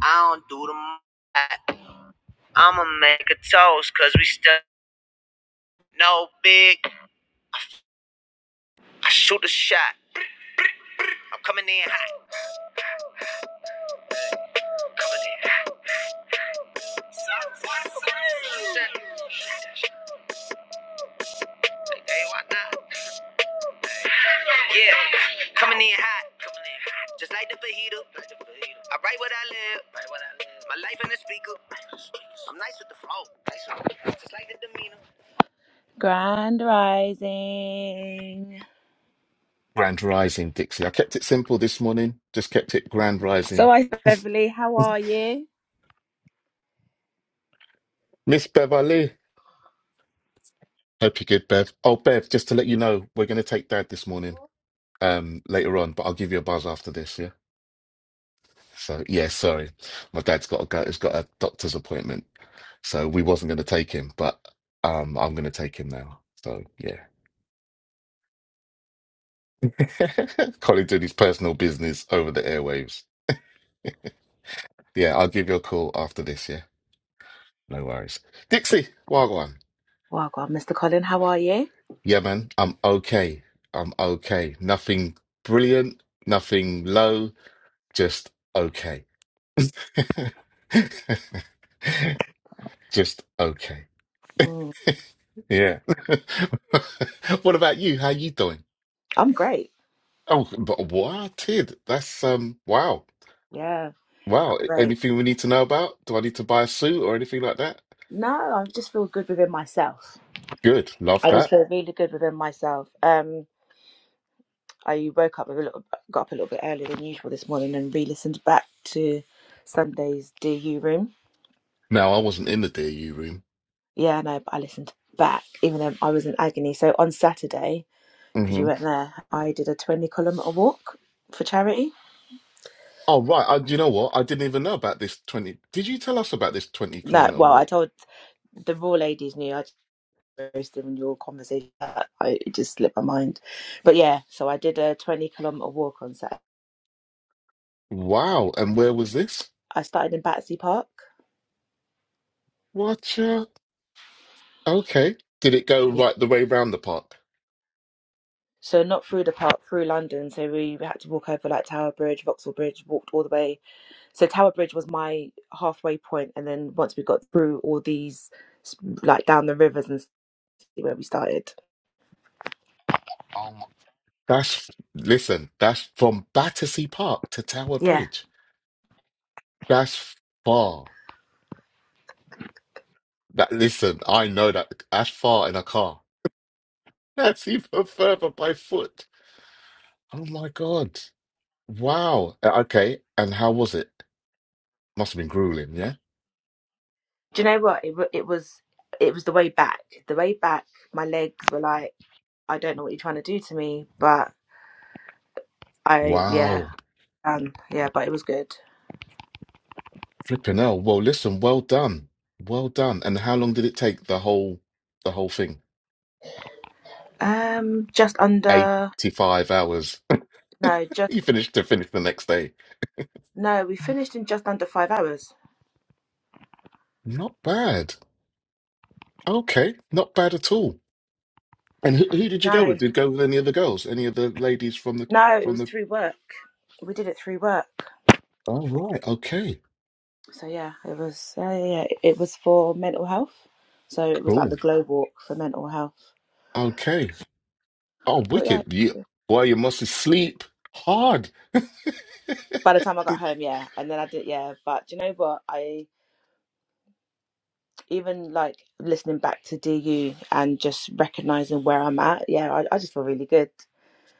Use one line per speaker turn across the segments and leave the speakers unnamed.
I don't do the i am I'ma make a toast, cause we still no big. I shoot a shot. I'm coming in hot. Coming in hot. Like, hey, why not? Yeah. Coming in hot. Coming in hot. Just like the fajita. Like I write what I live. Write what I live. My life in the speaker. I'm nice with the flow. Nice with the flow. Just like the demeanor. Grand rising.
Grand Rising, Dixie. I kept it simple this morning. Just kept it Grand
So
Rising.
I Beverly, how are you?
Miss Beverly. Hope you're good, Bev. Oh, Bev, just to let you know, we're going to take Dad this morning um, later on, but I'll give you a buzz after this, yeah? So, yeah, sorry. My dad's got to go. He's got a doctor's appointment. So we wasn't going to take him, but um, I'm going to take him now. So, yeah. Colin doing his personal business over the airwaves. Yeah, I'll give you a call after this, yeah? No worries. Dixie, Wagwan.
Well, God, Mr. Colin, how are you?
Yeah, man, I'm okay. I'm okay. Nothing brilliant, nothing low, just okay. Just okay.
Mm.
Yeah. What about you? How you doing?
I'm great.
Oh, but what? Tid, that's um wow.
Yeah. I'm
Wow.
Great.
Anything we need to know about? Do I need to buy a suit or anything like that?
No, I just feel good within myself.
Good. Love that.
Feel really good within myself. Um, I woke up a little, got up a little bit earlier than usual this morning and re-listened back to Sunday's Do You Room.
Now, I wasn't in the DU room.
Yeah, no, but I listened back even though I was in agony. So on Saturday, because
Mm-hmm.
you weren't there, I did a 20 kilometer walk for charity.
Oh right, I, you know what? I didn't even know about this twenty. Did you tell us about this twenty
No,
kilometer
well, I
walk?
told the raw ladies knew. in your conversation. I, it just slipped my mind. But yeah, so I did a 20 kilometer walk on Saturday.
Wow! And where was this?
I started in Battersea Park.
Watcha? Okay. Did it go
Yeah.
right the way round the park?
So not through the park, through London. So we had to walk over like Tower Bridge, Vauxhall Bridge, walked all the way. So Tower Bridge was my halfway point, and then once we got through all these, like down the rivers and stuff, where we started.
Oh, my. that's listen. That's from Battersea Park to Tower
Yeah.
Bridge. That's far. That listen, I know that that's far in a car. That's even further by foot. Oh my God! Wow. Uh, Okay. And how was it? Must have been grueling, yeah.
Do you know what? It wa- it was it was the way back. The way back, my legs were like, I don't know what you're trying to do to me, but I yeah.
Wow.
Um, yeah, but it was good.
Flipping hell. Well, listen, well done. Well done. And how long did it take the whole the whole thing?
Um, just under
85 hours.
no, just
you finished to finish the next day.
no. We finished in just under five hours.
Not bad. Okay, not bad at all. And who, who did you go
No,
with? Did you go with any of the girls? Any of the ladies from the
no, it
from
was
the
through work. We did it through work.
Oh right, okay.
So yeah, it was yeah, yeah, yeah. It was for mental health. So it was like the
Cool.
glow walk for mental health.
Okay. Oh,
But yeah,
wicked. You boy, you must sleep hard.
by the time I got
Good
home, yeah, and then I did yeah. But do you know what? I even like listening back to DU and just recognizing where I'm at. Yeah, I, I just feel really good.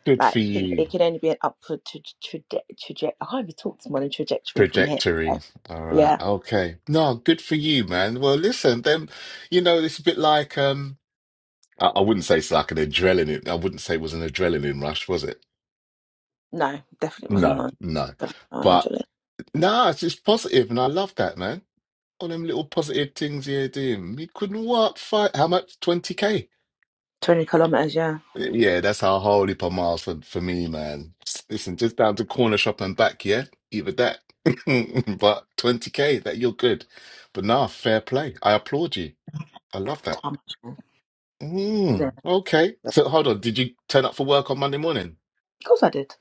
good
Like
for
it,
you.
it can only be an upward tra- traje- traje- I can't even talk this morning trajectory from here.
Trajectory.
So,
All right.
yeah,
Okay. No, good for you, man. Well, listen, then, you know, it's a bit like um I, I wouldn't say it's like an adrenaline. I wouldn't say it was an adrenaline rush, was it?
no, definitely wasn't
No,
on.
no.
Definitely not on
But
actually.
nah, it's just positive, and I love that, man. All them little positive things you're doing. You couldn't work fight how much? 20k.
Twenty kilometers, yeah.
Yeah, that's how hard it per miles for, for me, man. Listen, just down to corner shop and back, yeah? Either that. But 20k, that you're good. But nah, fair play. I applaud you. I love that.
Damn. yeah.
Mm, okay.
Of
So hold on, did you turn up for work on Monday morning?
course I did.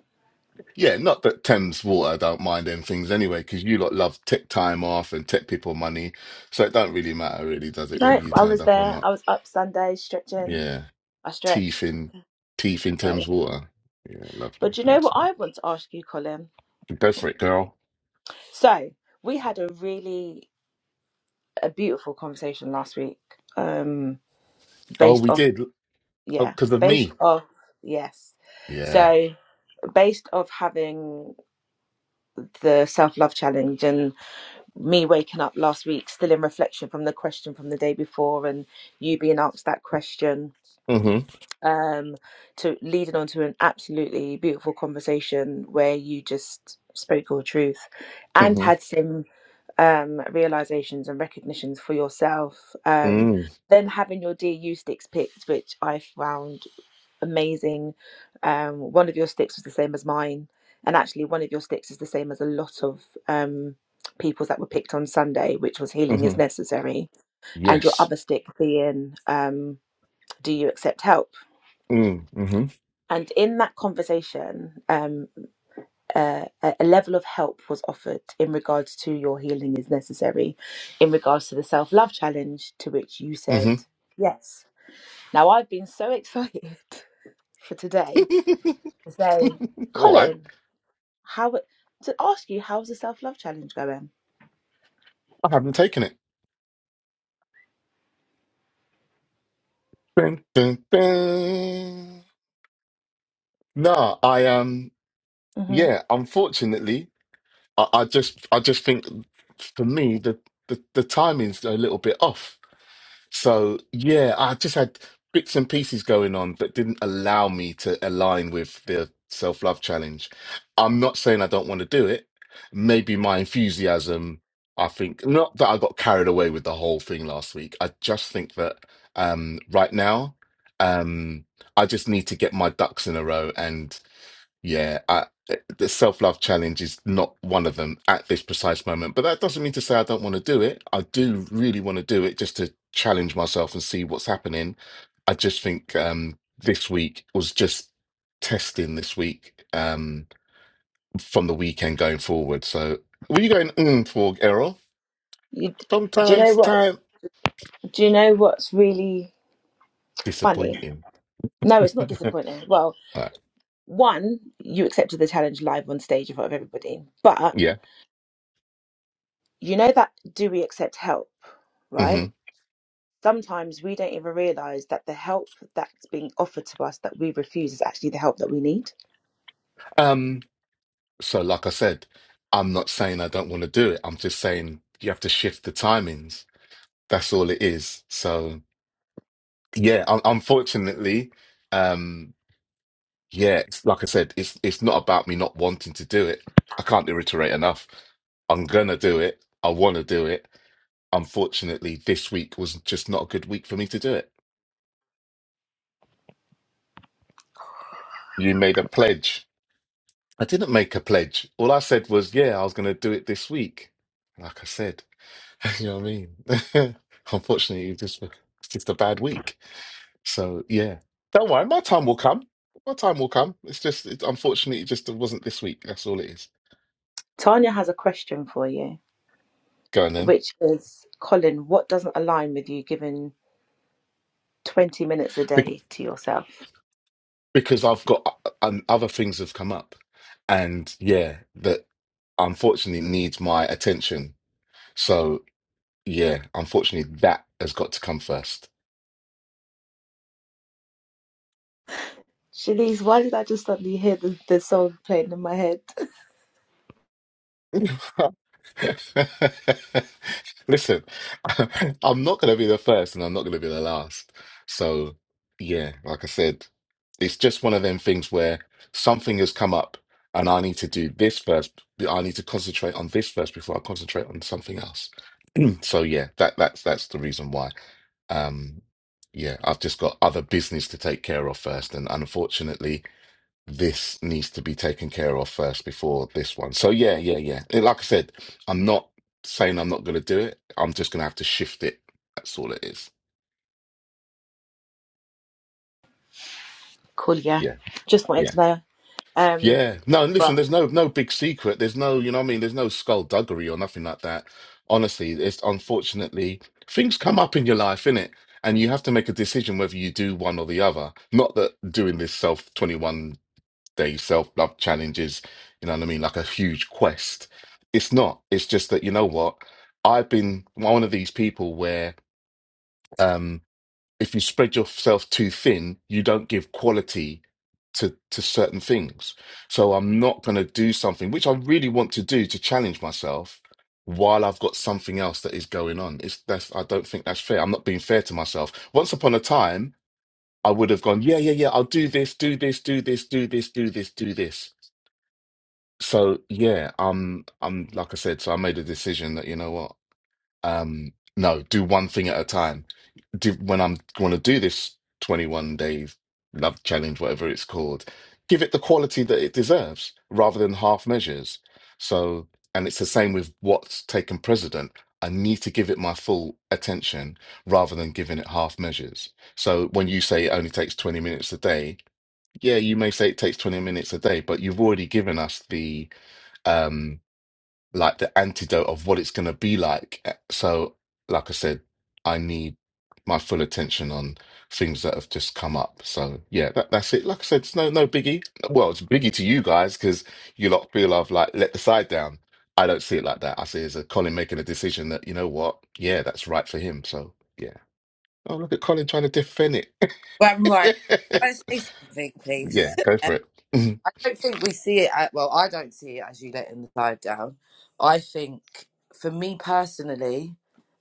Yeah, not that Thames Water don't mind them things anyway, because you lot love tech time off and tech people money. So it don't really matter, really, does it, whether
No,
you
I
turned
was
up or
there.
not?
I was up Sunday stretching.
Yeah.
I
Teeth
stretched.
in teeth in
But,
Thames
yeah.
Water. Yeah, lovely.
but you know
Thanks,
what
man.
I want to ask you, Colin?
Go for it, girl.
So we had a really a beautiful conversation last week. Um,
Oh,
based
we
off
did. Oh,
yeah,
because of
based
me.
off yes.
Yeah.
So based off having the self love challenge and me waking up last week still in reflection from the question from the day before and you being asked that question
Mm-hmm.
um to leading on to an absolutely beautiful conversation where you just spoke your truth and had
Mm-hmm.
some um realizations and recognitions for yourself um
Mm.
then having your dear you sticks picked which i found amazing. Um, one of your sticks was the same as mine, and actually, one of your sticks is the same as a lot of um, people's that were picked on Sunday, which was healing
Mm-hmm.
is necessary, and your
Yes.
other stick being um, do you accept help?
Mm. Mm-hmm.
And in that conversation, um, uh, a a level of help was offered in regards to your healing is necessary, in regards to the self love challenge, to which you said yes. Now, I've been so excited for today
Mm-hmm.
to say,
All right.
Colin, How to ask you how's the self love challenge going?
I haven't taken it. Dun, dun, dun. No, I um
hmm
yeah, unfortunately, I, I just I just think for me the, the the timing's a little bit off. So yeah, I just had bits and pieces going on that didn't allow me to align with the self-love challenge. I'm not saying I don't want to do it. Maybe my enthusiasm, I think, not that I got carried away with the whole thing last week. I just think that um right now, um I just need to get my ducks in a row and. Yeah, I, eh, the self love challenge is not one of them at this precise moment, but that doesn't mean to say I don't want to do it. I do really want to do it just to challenge myself and see what's happening. I just think um, this week was just testing this week um, from the weekend going forward. So, were you going mm, for Errol?
You, do you know
Sometimes
what?
time
Do you know what's really funny?
disappointing.
No, it's not disappointing. Well,
Right.
one, you accepted the challenge live on stage in front of everybody, but
Yeah.
you know that do we accept help,
hmm
right? Sometimes we don't even realize that the help that's being offered to us that we refuse is actually the help that we need.
Um. So, like I said, I'm not saying I don't want to do it. I'm just saying you have to shift the timings. That's all it is. So, yeah, un unfortunately, um, yeah, it's, like I said, it's it's not about me not wanting to do it. I can't reiterate enough. I'm gonna do it. I want to do it. Unfortunately, this week was just not a good week for me to do it. You made a pledge. I didn't make a pledge. All I said was, yeah, I was gonna do it this week. Like I said. You know what I mean? Unfortunately, it's just it's just a bad week. So yeah, don't worry, my time will come. My time will come. It's just it, unfortunately, it just wasn't this week. That's all it is.
Tanya has a question for you,
Go on then,
which is Colin, what doesn't align with you giving 20 minutes a
Be-
day to yourself?
because I've got um, other things have come up, and yeah, that unfortunately needs my attention. So yeah, unfortunately, that has got to come first.
Shanice, why did I just suddenly hear the, the song playing in my head?
Listen, I'm not going to be the first and I'm not going to be the last. So, yeah, like I said, it's just one of them things where something has come up and I need to do this first. I need to concentrate on this first before I concentrate on something else. So, yeah, that that's that's the reason why. Um, yeah, I've just got other business to take care of first, and unfortunately, this needs to be taken care of first before this one. So yeah, yeah, yeah. It- Like I said, I'm not saying I'm not going to do it. I'm just going to have to shift it. That's all it is.
Cool, yeah.
Yeah,
Just wanted
yeah,
to know. Um,
yeah. No, and
but
listen, there's no no big secret. There's no, you know, what I mean, there's no skullduggery or nothing like that. Honestly, it's unfortunately things come up in your life, innit? And you have to make a decision whether you do one or the other. Not that doing this self 21 day self-love challenges, you know what I mean, like a huge quest. It's not. It's just that you know what? I've been one of these people where um if you spread yourself too thin, you don't give quality to to certain things. So I'm not going to do something which I really want to do to challenge myself while I've got something else that is going on. It's that's I don't think that's fair. I'm not being fair to myself. Once upon a time, I would have gone, yeah, yeah, yeah, I'll do this, do this, do this, do this, do this, do this. So yeah, um, I'm like I said, so I made a decision that you know what, um, no, do one thing at a time. Do, when I'm going to do this 21 day love challenge, whatever it's called, give it the quality that it deserves rather than half measures. So, and it's the same with what's taken precedent. I need to give it my full attention rather than giving it half measures. So when you say it only takes 20 minutes a day, yeah, you may say it takes 20 minutes a day, but you've already given us the um like the antidote of what it's going to be like Uh, so like i said i need my full attention on things that have just come up so yeah that, that's it like i said it's no no biggie well it's a biggie to you guys because you lot feel i've like let the side down i don't see it like that i see it as a colin making a decision that you know what yeah that's right for him so yeah oh look at colin trying to defend it
Well, right. Can I say something, please?
yeah go for it
I don't think we see it. At, well, I don't see it as you letting the tide down. I think, for me personally,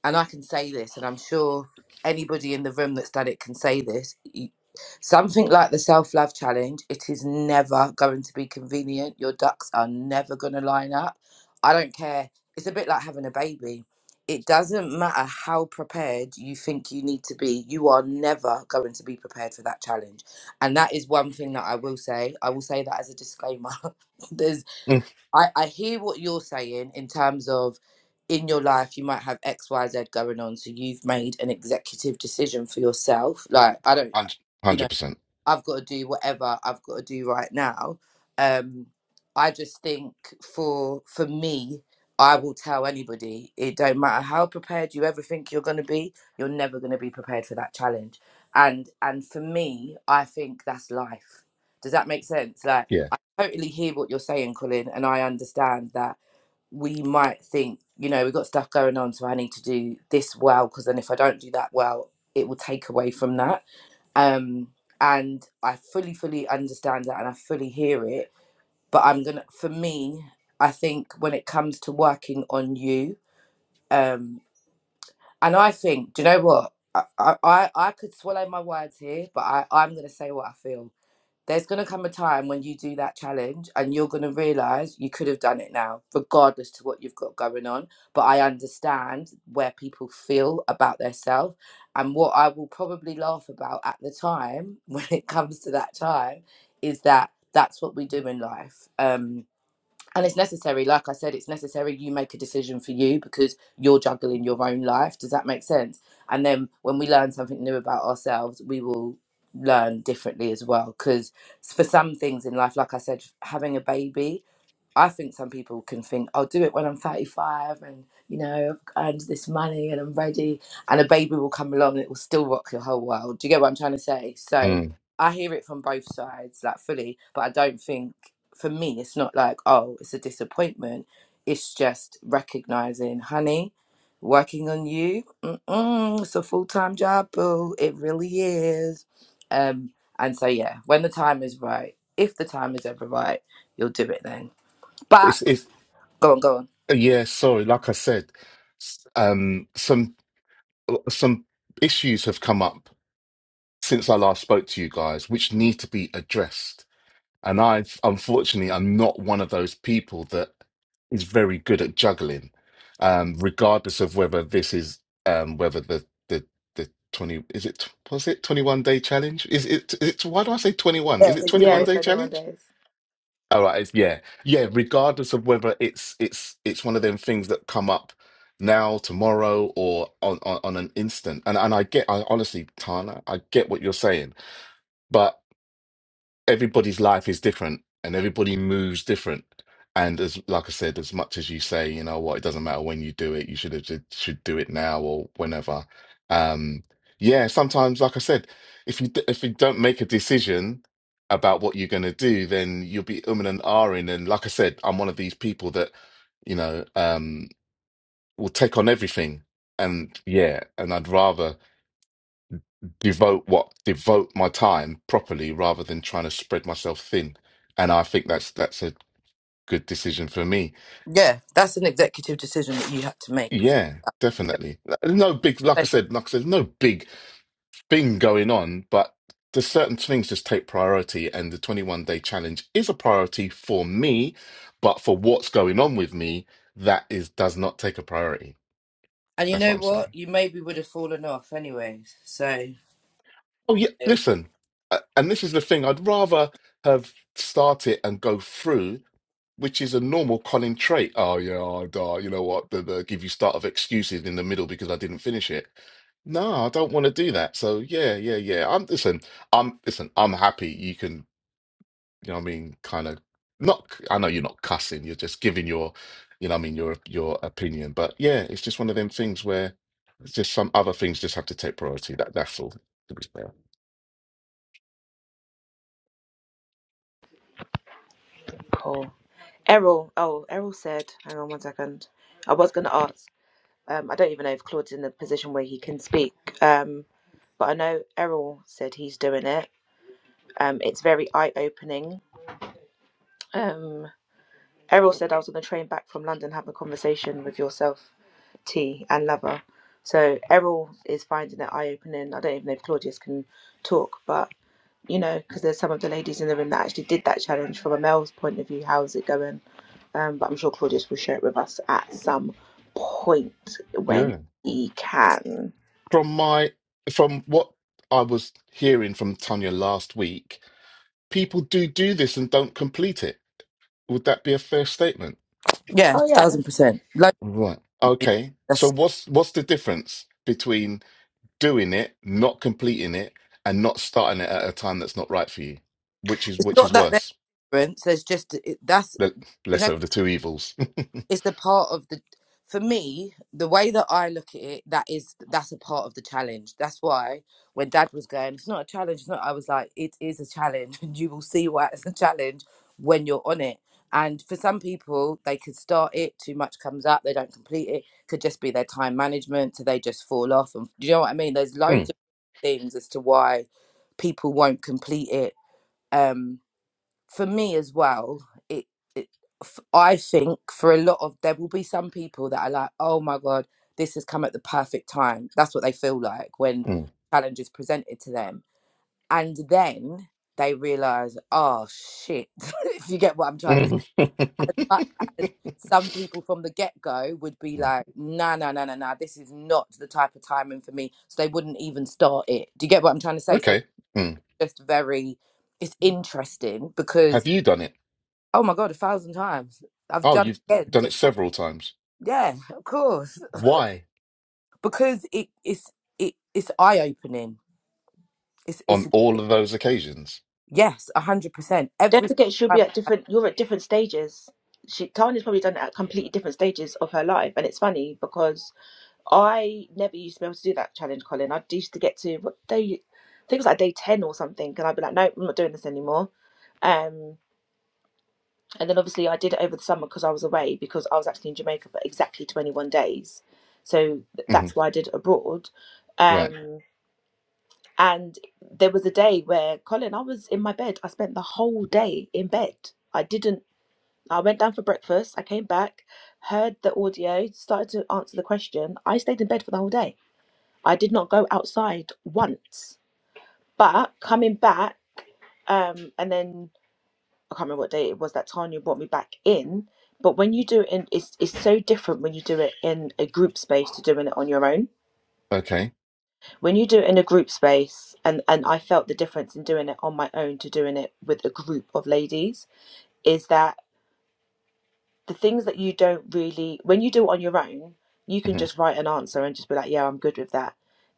and I can say this, and I'm sure anybody in the room that's done it can say this. y- Something like the self love challenge, it is never going to be convenient. Your ducks are never going to line up. I don't care. It's a bit like having a baby. It doesn't matter how prepared you think you need to be, you are never going to be prepared for that challenge and that is one thing that I will say. I will say that as a disclaimer. There's I, I hear what you're saying in terms of in your life you might have X, Y, Z going on. So you've made an executive decision for yourself. Like I don't you know.
100 percent
I've got to do whatever I've got to do right now. Um, I just think for for me, I will tell anybody it don't matter how prepared you ever think you're going to be, you're never going to be prepared for that challenge. And and for me, I think that's life. Does that make sense? Like
yeah
I totally hear what you're saying, Colin, and I understand that we might think you know we've got stuff going on, so I need to do this well because then if I don't do that well, it will take away from that um and i fully fully understand that and i fully hear it but i'm gonna for me i think when it comes to working on you um and i think do you know what i i i I could swallow my words here but i i'm gonna say what i feel there's going to come a time when you do that challenge and you're going to realize you could have done it now, regardless to what you've got going on. But I understand where people feel about their self, And what I will probably laugh about at the time when it comes to that time is that that's what we do in life. Um, and it's necessary like i said it's necessary you make a decision for you because you're juggling your own life does that make sense and then when we learn something new about ourselves we will learn differently as well because for some things in life like i said having a baby I think some people can think, I'll do it when I'm 35 and, you know, I've earned this money and I'm ready. And a baby will come along and it will still rock your whole world. Do you get what I'm trying to say? So
Mm.
I hear it from both sides, like fully, but I don't think, for me, it's not like, oh, it's a disappointment. It's just recognizing, honey, working on you, mm-mm, it's a full time job, boo. It really is. Um, and so, yeah, when the time is right, if the time is ever right, you'll do it then back.
it's it's
Go on, go on.
Yeah, sorry. Like I said, s- um, some uh, some issues have come up since I last spoke to you guys, which need to be addressed. And I, unfortunately, I'm not one of those people that is very good at juggling, um, regardless of whether this is um, whether the the the 20 is it was it 21 day challenge? Is it is it why do I say 21? Is
Yeah,
it
it's
Yeah,
21
21.
it's
day
21
challenge?
days.
All right, it's, yeah, yeah. Regardless of whether it's it's it's one of them things that come up now, tomorrow, or on on, on an instant, and and I get, I honestly, Tana, I get what you're saying, but everybody's life is different and everybody moves different. And as like I said, as much as you say, you know what, it doesn't matter when you do it, you should have ju- should do it now or whenever. Um, yeah, sometimes, like I said, if you d- if you don't make a decision about what you're going to do, then you'll be umming and ahhing. And like I said, I'm one of these people that, you know, um, will take on everything. And yeah, and I'd rather devote what devote my time properly rather than trying to spread myself thin and i think that's that's a good decision for me
Yeah, that's an executive decision that you had to make.
yeah
You get
definitely There's no big
what I'm
like i
saying?
said like i said no big thing going on but there's certain things just take priority and the 21 day challenge is a priority for me but for what's going on with me that is does not take a priority
And you
that's what
know
i'm saying
what? You maybe would have fallen off anyways. So,
Oh yeah,
yeah,
listen, uh, and this is the thing. I'd rather have started and go through, which is a normal Colin trait. Oh yeah, i uh, you know what? The, the give you start of excuses in the middle because I didn't finish it. No, I don't want to do that. So yeah, yeah, yeah. I'm listen. I'm listen. I'm happy. You can you know what I mean, kind of not I know you're not cussing, you're just giving your you know what I mean, your your opinion. But yeah, it's just one of them things where it's just some other things just have to take priority. That that's all to be fair.
cool. Errol, oh, Errol said, hang on one second. I was going to ask, um, I don't even know if Claude's in the position where he can speak, um, but I know Errol said he's doing it. Um, it's very eye opening. Um, Errol said I was on the train back from London having a conversation with yourself, T, and Lover. So Errol is finding it eye opening. I don't even know if Claudius can talk, but you know, because there's some of the ladies in the room that actually did that challenge from a male's point of view. How's it going? Um, but I'm sure Claudius will share it with us at some point when
Yeah.
he can.
From my from what I was hearing from Tanya last week, people do do this and don't complete it. Would that be a fair statement?
yeah
Oh yeah.
thousand percent. Like,
Right. Okay. So
that's,
what's what's the difference between doing it, not completing it, and not starting it at a time that's not right for you, which is
it's
which
not
is
that there's
worse.
a difference. There's just, it, that's,
The lesser of the two evils.
it's the part of the for me the way that i look at it that is that's a part of the challenge that's why when dad was going it's not a challenge it's not i was like it is a challenge and you will see why it's a challenge when you're on it and for some people they could start it too much comes up they don't complete it could just be their time management so they just fall off and do you know what i mean there's loads
Mm,
of things as to why people won't complete it Um, for me as well, it, it f- I think for a lot of there will be some people that are like, oh my god, this has come at the perfect time. That's what they feel like when
mm,
challenge is presented to them, and then they realize, oh shit, if you get what I'm trying to say.
mm.
As much as some people from the get go would be
Mm,
like, nah, nah, nah, nah, nah, this is not the type of timing for me. So they wouldn't even start it. Do you get what I'm trying to say? So
Okay. Mm.
it's just very, it's interesting because
Have you done it?
Oh my god, a thousand times. I've
Oh,
done
you've
it again
done it
just now.
several times.
Yeah, of course.
Why?
Because it it's it, it's eye opening. It's it's
on all of those occasions.
yes, a hundred percent.
Don't
Every
forget, she'll be
time
at different. You're at different stages. She Tanya's probably done it at completely different stages of her life, and it's funny because I never used to be able to do that challenge, Colin. I used to get to what day, I think it was like day ten or something, and I'd be like, no, I'm not doing this anymore. Um, and then obviously I did it over the summer because I was away because I was actually in Jamaica for exactly 21 days, so th-
hmm
that's why I did it abroad.
Right.
Um, and there was a day where Colin, I was in my bed. I spent the whole day in bed. I didn't I went down for breakfast. I came back, heard the audio, started to answer the question. I stayed in bed for the whole day. I did not go outside once. But coming back, um, and then I can't remember what day it was that Tanya brought me back in. But when you do it in, it's it's so different when you do it in a group space to doing it on your own.
Okay.
When you do it in a group space, and and I felt the difference in doing it on my own to doing it with a group of ladies, is that the things that you don't really when you do it on your own you can
hmm
just write an answer and just be like yeah i'm good with that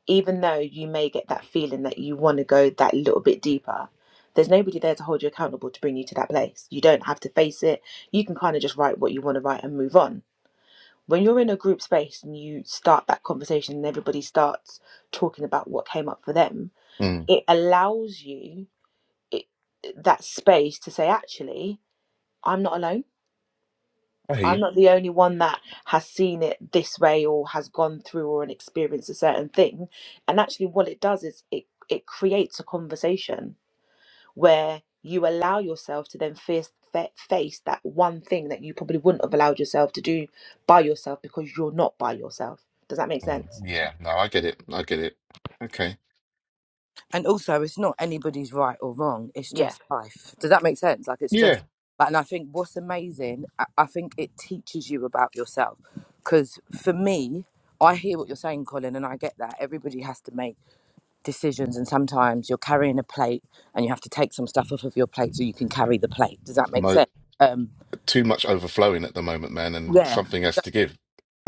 even though you may get that feeling that you want to go that little bit deeper there's nobody there to hold you accountable to bring you to that place you don't have to face it you can kind of just write what you want to write and move on when you're in a group space and you start that conversation and everybody starts talking about what came up for them
Mm.
it allows you it, that space to say actually i'm not alone
I hear
I'm
you.
not the only one that has seen it this way or has gone through or an experienced a certain thing. And actually, what it does is it it creates a conversation where you allow yourself to then face fa- face that one thing that you probably wouldn't have allowed yourself to do by yourself because you're not by yourself. Does that make
Mm.
sense?
Yeah. No, I get it. I get it. Okay.
and also it's not anybody's right or wrong, it's
Yeah.
just life. Does that make sense? Like it's
Yeah.
just like, and I think what's amazing, I, I think it teaches you about yourself. Because for me, I hear what you're saying, Colin, and I get that. Everybody has to make decisions and sometimes you're carrying a plate and you have to take some stuff off of your plate so you can carry the plate does that make
Mo-
sense um
too much overflowing at the moment, man, and
yeah
something has to give.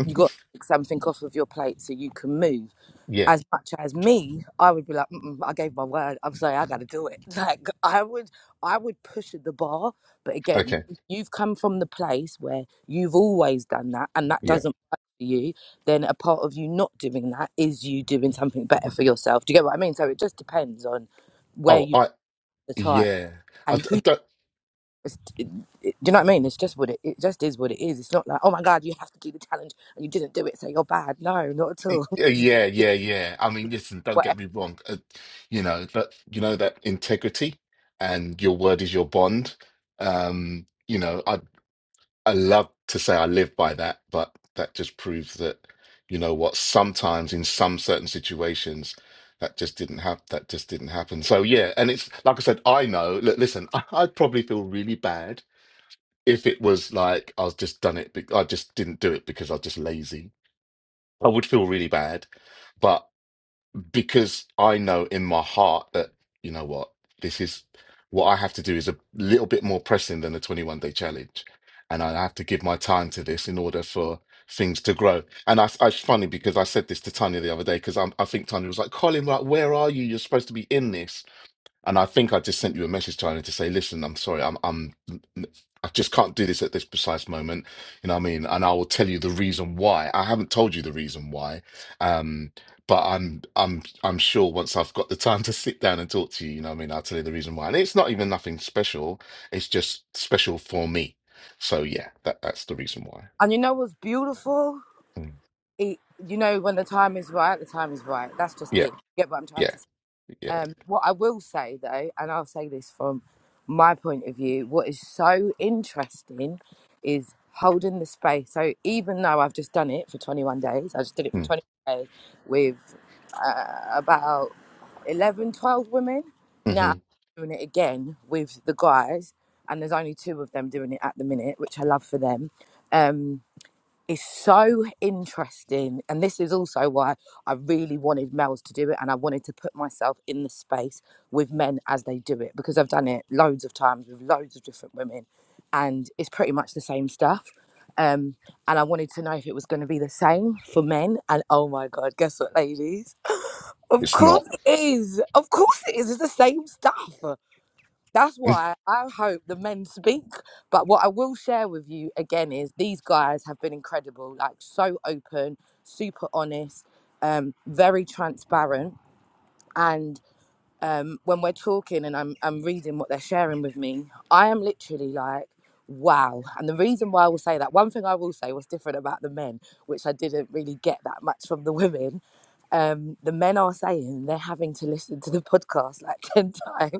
you got to take something off of your plate so you can move
Yeah.
as much as me i would be like Mm-mm, i gave my word i'm sorry i gotta do it like i would i would push at the bar but again
Okay.
if you've come from the place where you've always done that and that
Yeah.
doesn't work for you then a part of you not doing that is you doing something better for yourself do you get what i mean so it just depends on where
Oh,
you
I.
are at the time
Yeah. I,
and
d-
who
I don't.
it's- it- it- do you know what I mean? It's just what it, it just is what it is. It's not like oh my god, you have to do the challenge and you didn't do it, so you're bad. No, not at all.
Yeah, yeah, yeah. yeah. I mean, listen. Don't get
Whatever.
me wrong. Uh, you know that. You know that integrity and your word is your bond. Um, you know. I. I love to say I live by that, but that just proves that, you know what, sometimes in some certain situations, that just didn't happen. That just didn't happen. So yeah, and it's like I said, I know. Look, listen, I, I'd probably feel really bad if it was like I was just done it. be- I just didn't do it because I was just lazy. I would feel really bad, but because I know in my heart that, you know what, this is what I have to do is a little bit more pressing than a 21 day challenge. And I have to give my time to this in order for things to grow. And I, I it's funny because I said this to Tanya the other day because I think Tanya was like, Colin, like, where are you? You're supposed to be in this. And I think I just sent you a message, Tony, to say, listen, I'm sorry, I'm, I'm, I just can't do this at this precise moment. You know what I mean? And I will tell you the reason why. I haven't told you the reason why, um, but I'm, I'm, I'm sure once I've got the time to sit down and talk to you, you know what I mean? I'll tell you the reason why. And it's not even nothing special. It's just special for me. So yeah, that that's the reason why.
And you know what's beautiful?
Mm.
It, you know when the time is right, the time is right. That's just
Yeah,
it. You Get what I'm trying
yeah,
to say?
yeah.
Um, what I will say though, and I'll say this from my point of view, what is so interesting is holding the space. So even though I've just done it for 21 days, I just did it for
Mm.
21 days with. about 11, 12 women. Now
hmm
I'm doing it again with the guys, and there's only two of them doing it at the minute, which I love for them. Um, it's so interesting, and this is also why I really wanted males to do it, and I wanted to put myself in the space with men as they do it because I've done it loads of times with loads of different women, and it's pretty much the same stuff. Um, and I wanted to know if it was going to be the same for men. And oh my God, guess what, ladies? Of
It's
course
not.
it is. Of course it is. It's the same stuff. That's why I hope the men speak. But what I will share with you again is these guys have been incredible, like so open, super honest, um, very transparent. And um, when we're talking and I'm, I'm reading what they're sharing with me, I am literally like, wow. And the reason why I will say that, one thing I will say was different about the men, which I didn't really get that much from the women, um the men are saying they're having to listen to the podcast like 10 times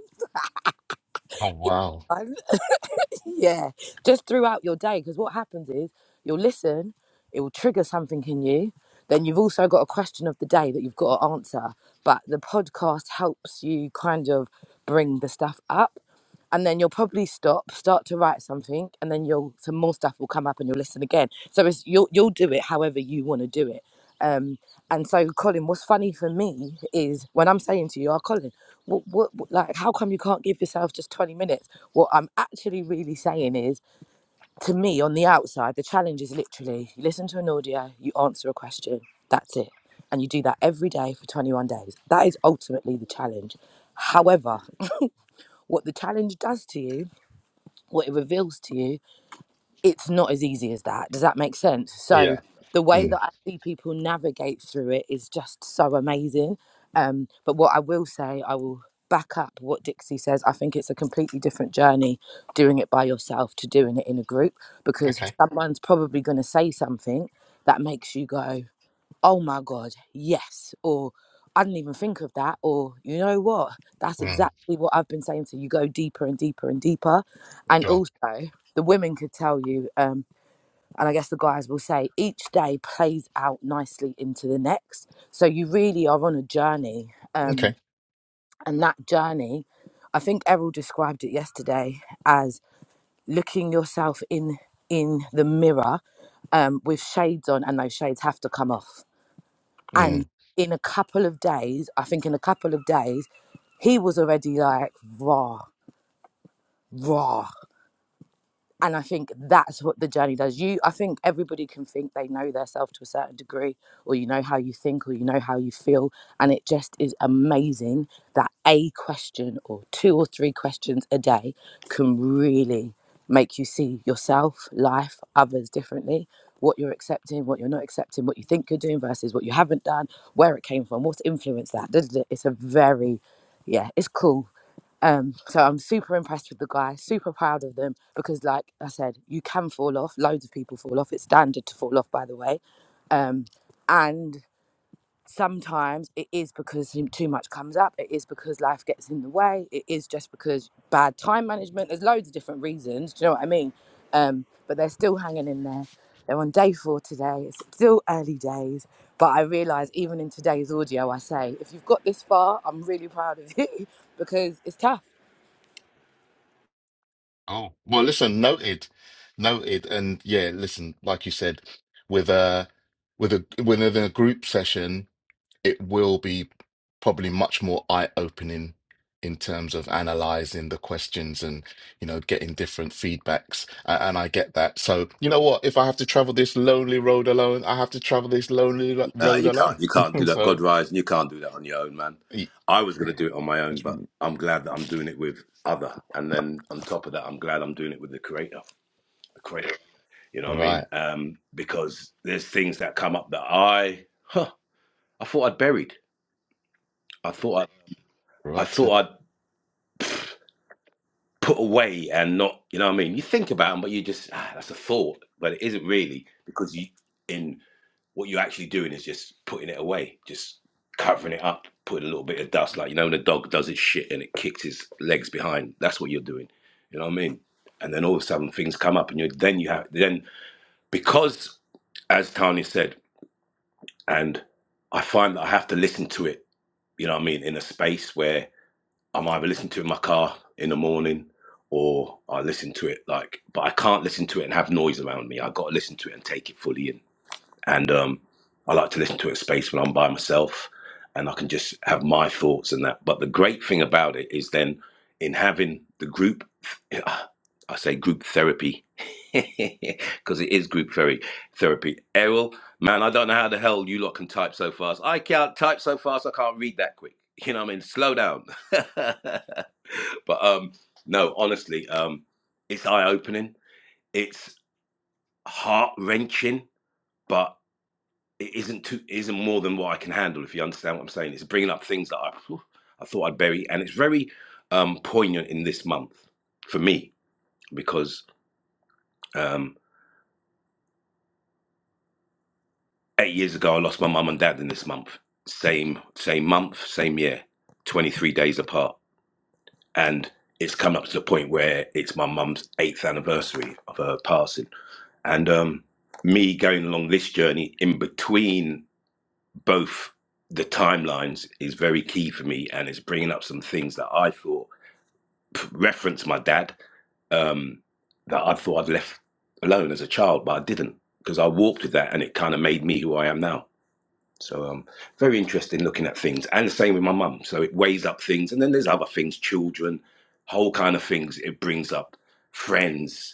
Oh wow.
I'm- yeah just throughout your day because what happens is you'll listen it will trigger something in you then you've also got a question of the day that you've got to answer but the podcast helps you kind of bring the stuff up and then you'll probably stop start to write something and then you'll some more stuff will come up and you'll listen again so it's you'll you'll do it however you want to do it um, and so, Colin, what's funny for me is when I'm saying to you, oh, Colin, what, what, what- like, how come you can't give yourself just 20 minutes? What I'm actually really saying is, to me, on the outside, the challenge is literally you listen to an audio, you answer a question, that's it. And you do that every day for 21 days. That is ultimately the challenge. However, what the challenge does to you, what it reveals to you, it's not as easy as that. Does that make sense? So
Yeah.
the way
Mm.
that I see people navigate through it is just so amazing. Um, but what I will say, I will back up what Dixie says. I think it's a completely different journey doing it by yourself to doing it in a group because
Okay.
someone's probably going to say something that makes you go oh my god yes or i didn't even think of that or you know what that's
Mm.
exactly what i've been saying to you go deeper and deeper and deeper and
Sure.
also the women could tell you um and i guess the guys will say each day plays out nicely into the next so you really are on a journey
Okay.
um and that journey i think errol described it yesterday as looking yourself in in the mirror um, with shades on, and those shades have to come off.
Mm.
And in a couple of days, I think in a couple of days, he was already like raw, raw and I think that's what the journey does. You, I think everybody can think they know their self to a certain degree, or you know how you think, or you know how you feel, and it just is amazing that a question or two or three questions a day can really make you see yourself, life, others differently. What you're accepting, what you're not accepting, what you think you're doing versus what you haven't done, where it came from, what's influenced that. da, da, da. It's a very, yeah, it's cool um, so I'm super impressed with the guy, super proud of them because, like I said, you can fall off. Loads of people fall off. It's standard to fall off, by the way. Um, and sometimes it is because him- too much comes up. It is because life gets in the way. It is just because bad time management. There's loads of different reasons. Do you know what I mean? Um, but they're still hanging in there. They're on day four today. It's still early days. But I realise even in today's audio, I say, if you've got this far, I'm really proud of you because it's tough
Oh, well, listen, noted, noted, and yeah, listen, like you said, with a with a within a group session, it will be probably much more eye-opening in terms of analyzing the questions and, you know, getting different feedbacks. And, and I get that. So, you know what? If I have to travel this lonely road alone, I have to travel this lonely lo-
No,
road
you
alone.
can't. You can't do that.
So,
God rise, and you can't do that on your own, man.
y-
I was going to do it on my own, but I'm glad that I'm doing it with other. And then on top of that, I'm glad I'm doing it with the creator. The creator. You know what I mean?
right,
Um, because there's things that come up that I, huh, I thought I'd buried. I thought I, I
right.
thought I'd put away and not. You know what I mean? You think about them, but you just ah, that's a thought, but it isn't really because you in what you're actually doing is just putting it away, just covering it up, putting a little bit of dust, like you know when a dog does its shit and it kicks its legs behind. That's what you're doing. You know what I mean? And then all of a sudden things come up, and you then you have then because as Tanya said, and I find that I have to listen to it. You know what I mean? In a space where I'm either listening to it in my car in the morning. Or I listen to it like, but I can't listen to it and have noise around me. I got to listen to it and take it fully in and um, I like to listen to it in space when I'm by myself, and I can just have my thoughts and that. But the great thing about it is then in having the group, I say group therapy, because it is group therapy. Therapy, Errol, man, I don't know how the hell you lot can type so fast. I can't type so fast. I can't read that quick. You know what I mean? Slow down. but um, no, honestly, um, it's eye opening. It's heart wrenching, but it isn't too isn't more than what I can handle. If you understand what I'm saying, it's bringing up things that I I thought I'd bury, and it's very um, poignant in this month for me because um, eight years ago I lost my mum and dad in this month, same same month, same year, 23 days apart, and it's come up to the point where it's my mum's eighth anniversary of her passing, and um, me going along this journey in between both the timelines is very key for me and it's bringing up some things that i thought p- reference my dad um that i thought i'd left alone as a child but i didn't because i walked with that and it kind of made me who i am now so um very interested in looking at things and the same with my mum so it weighs up things and then there's other things children whole kind of things it brings up friends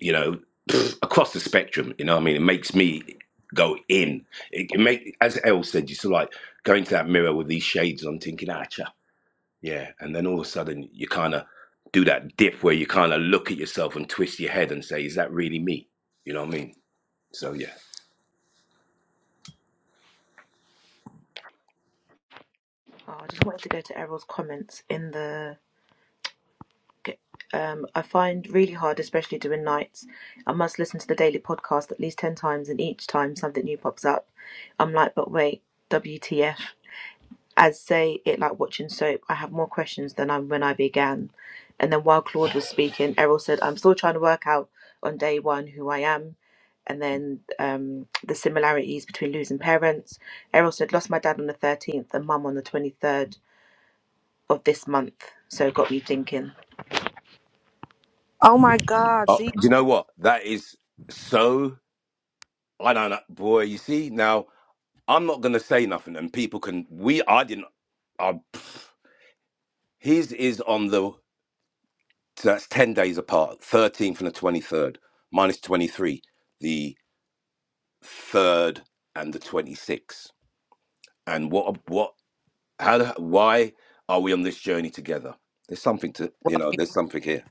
you know, across the spectrum. You know, what I mean, it makes me go in. It, it make as El said, you sort of like going to that mirror with these shades on, thinking, ah, cha, yeah, and then all of a sudden you kind of do that dip where you kind of look at yourself and twist your head and say, is that really me? You know what I mean? So yeah.
Oh, I just wanted to go to Errol's comments in the um, I find really hard, especially doing nights. I must listen to the daily podcast at least 10 times, and each time something new pops up, I'm like, but wait, WTF. As say it like watching soap, I have more questions than I when I began. And then while Claude was speaking, Errol said, I'm still trying to work out on day one who I am. And then um, the similarities between losing parents. Errol said, lost my dad on the 13th and mum on the 23rd of this month. So it got me thinking.
Oh my God!
Oh,
See,
do you know what? That is so. I don't know, boy. You see now, I'm not gonna say nothing, and people can. We, I didn't. I, his is on the. So that's 10 days apart, 13th and the 23rd, minus 23, the 3rd and the 26th. And what, what, how, the- why are we on this journey together? There's something to,
well,
you know, there's something here.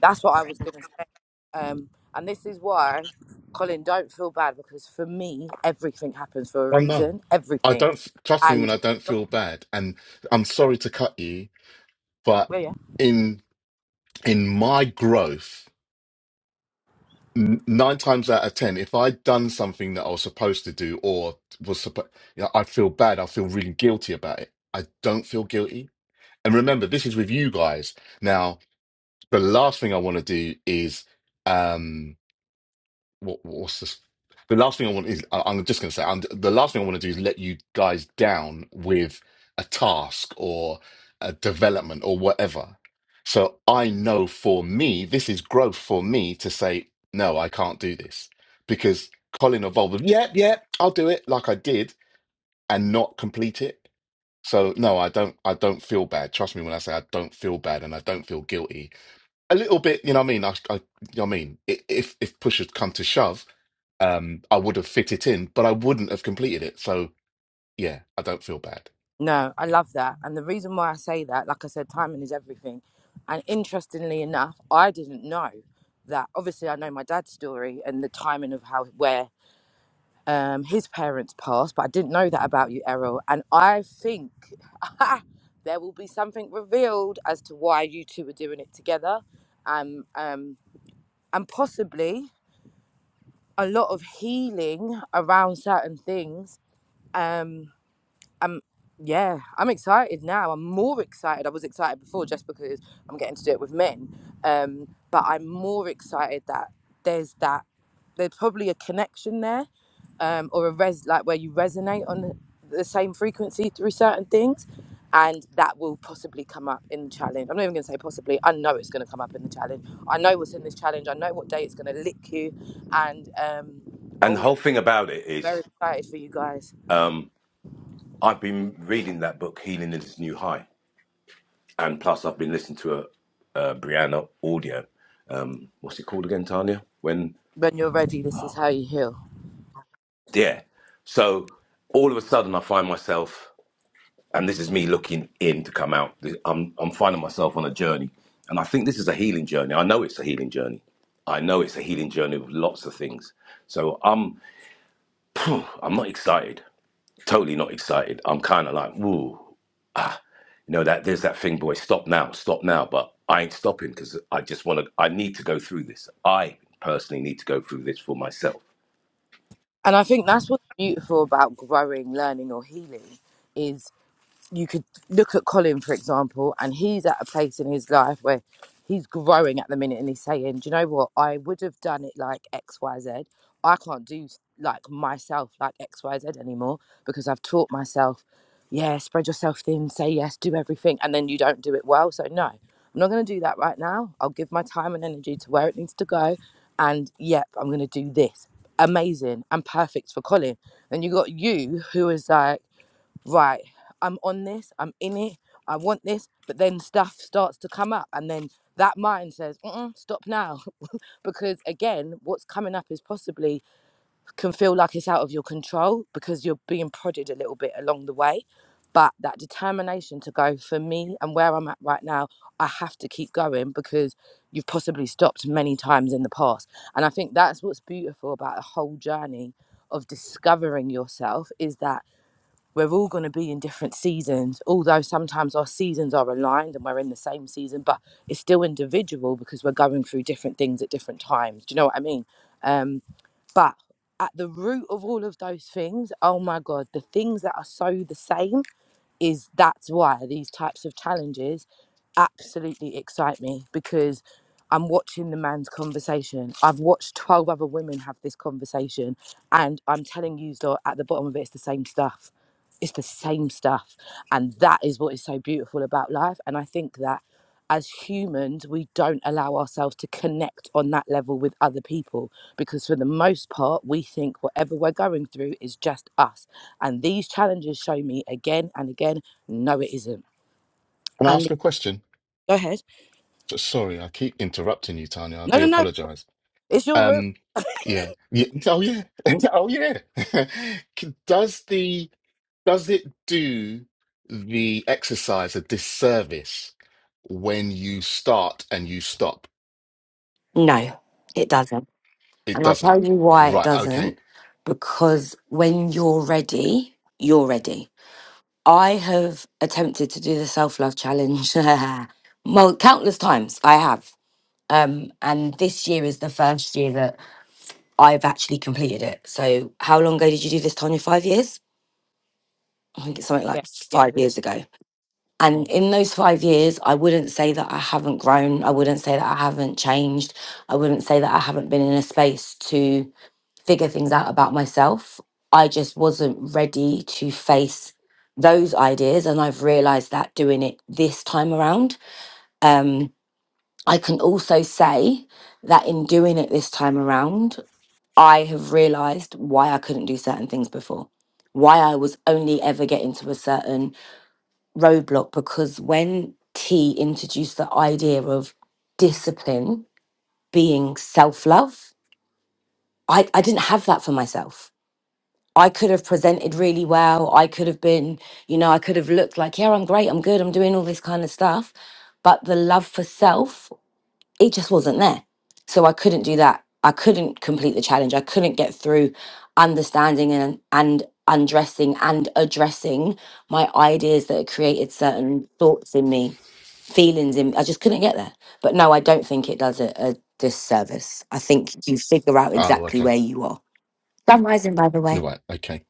that's what I was gonna say. Um, and this is why, Colin, don't feel bad because for me, everything happens for a
Well, no,
reason.
I
Everything,
don't. Trust me when
and
I don't feel bad. And I'm sorry to cut you, but
well, yeah,
in in my growth, n- nine times out of ten, if I'd done something that I was supposed to do or was supposed, you know, I feel bad. I feel really guilty about it. I don't feel guilty. And remember, this is with you guys. Now, the last thing I want to do is. um what what's this? The last thing I want is I- I'm just going to say, and the last thing I want to do is let you guys down with a task or a development or whatever. So I know for me, this is growth for me to say no, I can't do this because Colin evolved. with, Yep, yep, I'll do it like I did and not complete it. So no, I don't. I don't feel bad. Trust me when I say I don't feel bad and I don't feel guilty. A little bit, you know what I mean. I, I you know what I mean. I- If if push had come to shove um, I would have fit it in, but I wouldn't have completed it. So yeah, I don't feel bad.
no, I love that. And the reason why I say that, like I said, timing is everything. And interestingly enough, I didn't know that. Obviously, I know my dad's story and the timing of how where um, his parents passed, but I didn't know that about you, Errol. And I think there will be something revealed as to why you two are doing it together, um, um, and possibly a lot of healing around certain things Um, I'm yeah, I'm excited now. I'm more excited. I was excited before just because I'm getting to do it with men. Um, but I'm more excited that there's that there's probably a connection there, um, or a res like where you resonate on the, the same frequency through certain things. And that will possibly come up in the challenge. I'm not even gonna say possibly. I know it's gonna come up in the challenge. I know what's in this challenge. I know what day it's gonna lick you. And um,
And the
oh,
whole thing about it
very
is,
excited for you guys.
um, I've been reading that book, Healing is This New High. And plus, I've been listening to a, a Brianna audio. Um, what's it called again, Tanya? When,
When you're ready, this is how you heal.
yeah. So all of a sudden, I find myself and this is me looking in to come out. Th- I'm I'm finding myself on a journey, and I think this is a healing journey. I know it's a healing journey. I know it's a healing journey with lots of things. So I'm I'm not excited. Totally not excited. I'm kind of like, ooh, you know that there's that thing, boy. Stop now, stop now. But I ain't stopping because I just want to. I need to go through this. I personally need to go through this for myself.
And I think that's what's beautiful about growing, learning, or healing is you could look at Colin, for example, and he's at a place in his life where he's growing at the minute and he's saying, Do you know what? I would have done it like X, Y, Z. I can't do like myself like XYZ anymore because I've taught myself, yeah, spread yourself thin, say yes, do everything, and then you don't do it well. So, no, I'm not going to do that right now. I'll give my time and energy to where it needs to go. And yep, I'm going to do this. Amazing and perfect for Colin. And you got you who is like, right, I'm on this, I'm in it, I want this, but then stuff starts to come up, and then that mind says, Mm-mm, stop now. Because again, what's coming up is possibly can feel like it's out of your control because you're being prodded a little bit along the way. But that determination to go for me and where I'm at right now, I have to keep going because you've possibly stopped many times in the past. And I think that's what's beautiful about a whole journey of discovering yourself is that we're all going to be in different seasons, although sometimes our seasons are aligned and we're in the same season, but it's still individual because we're going through different things at different times. Do you know what I mean? Um, but at the root of all of those things, oh my God, the things that are so the same is that's why these types of challenges absolutely excite me because I'm watching the man's conversation. I've watched 12 other women have this conversation, and I'm telling you, Zor, at the bottom of it, it's the same stuff. It's the same stuff. And that is what is so beautiful about life. And I think that as humans, we don't allow ourselves to connect on that level with other people because, for the most part, we think whatever we're going through is just us. And these challenges show me again and again, no, it isn't.
Can I
And
ask
the-
a question?
go ahead.
So- Sorry, I keep interrupting you, Tanya. I
No,
do
no, no.
apologize.
It's your room.
Um, yeah, yeah. Oh yeah. oh yeah. does the does it do the exercise a disservice when you start and you stop?
No, it doesn't.
It
And I'll tell
doesn't.
you why it
Right. Okay.
doesn't. Because when you're ready, you're ready. I have attempted to do the self love challenge mul- countless times. I have. Um, and this year is the first year that I've actually completed it. So, how long ago did you do this, Tanya? Five years? I think it's something
Yeah,
like
yeah.
five
It's
years ago. And
me.
in those five years, I wouldn't say that I haven't grown. I wouldn't say that I haven't changed. I wouldn't say that I haven't been in a space to figure things out about myself. I just wasn't ready to face those ideas. And I've realized that doing it this time around. Um, I can also say that in doing it this time around, I have realized why I couldn't do certain things before, why I was only ever getting to a certain roadblock. Because when T introduced the idea of discipline being self love, I, I didn't have that for myself. I could have presented really well. I could have been, you know, I could have looked like, yeah, I'm great, I'm good, I'm doing all this kind of stuff. But the love for self, it just wasn't there. So I couldn't do that. I couldn't complete the challenge. I couldn't get through understanding and, and undressing and addressing my ideas that had created certain thoughts in me, feelings in I just couldn't get there. But no, I don't think it does a, a disservice. I think you figure out
Oh,
exactly
okay.
where you are. Sunrising, by the way.
Right. Okay.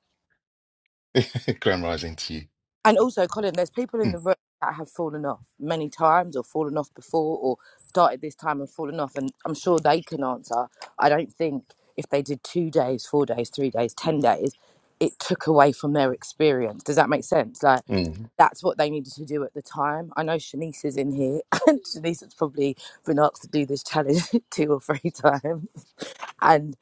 Grand rising to you.
And also, Colin, there's people in the
Mm,
room that have fallen off many times or fallen off before or started this time and fallen off. And I'm sure they can answer. I don't think if they did two days, four days, three days, 10 days, it took away from their experience. Does that make sense? Like,
mm,
that's what they needed to do at the time. I know Shanice is in here, and Shanice has probably been asked to do this challenge two or three times. And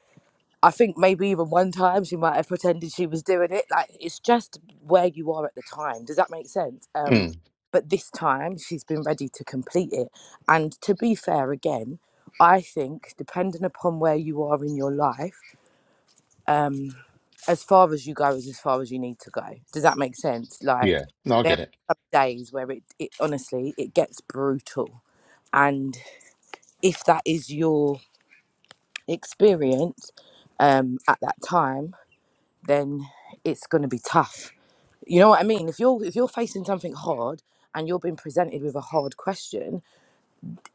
I think maybe even one time she might have pretended she was doing it. Like it's just where you are at the time. Does that make sense? Um,
mm.
but this time she's been ready to complete it. And to be fair, again, I think depending upon where you are in your life um as far as you go is as far as you need to go does that make sense like
Yeah. No, I
there
get it.
are some days where it, it honestly it gets brutal and if that is your experience um at that time then it's going to be tough you know what i mean if you're if you're facing something hard and you're being presented with a hard question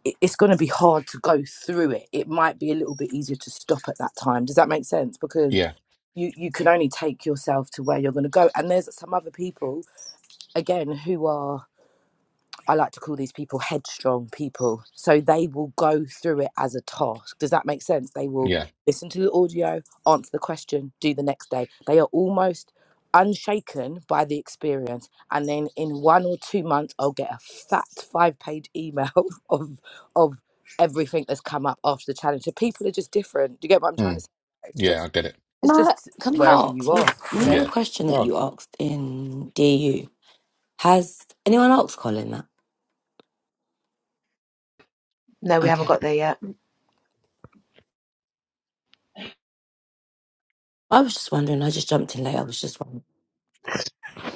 it, it's going to be hard to go through it it might be a little bit easier to stop at that time does that make sense because
Yeah.
you you can only take yourself to where you're going to go and there's some other people again who are i like to call these people headstrong people so they will go through it as a task does that make sense they will
Yeah.
listen to the audio answer the question do the next day they are almost unshaken by the experience and then in one or two months i'll get a fat five page email of of everything that's come up after the challenge so people are just different do you get what i'm trying to
Mm.
say it's just
Yeah, I get it.
it's
Now,
just
can I
wherever you
ask,
are,
was you
you
know
know,
the
Yeah.
question that
Oh.
you asked in DU? Has anyone else Colin that?
No, we haven't
Okay.
got there yet.
I was just wondering, I just jumped in late, I was just wondering.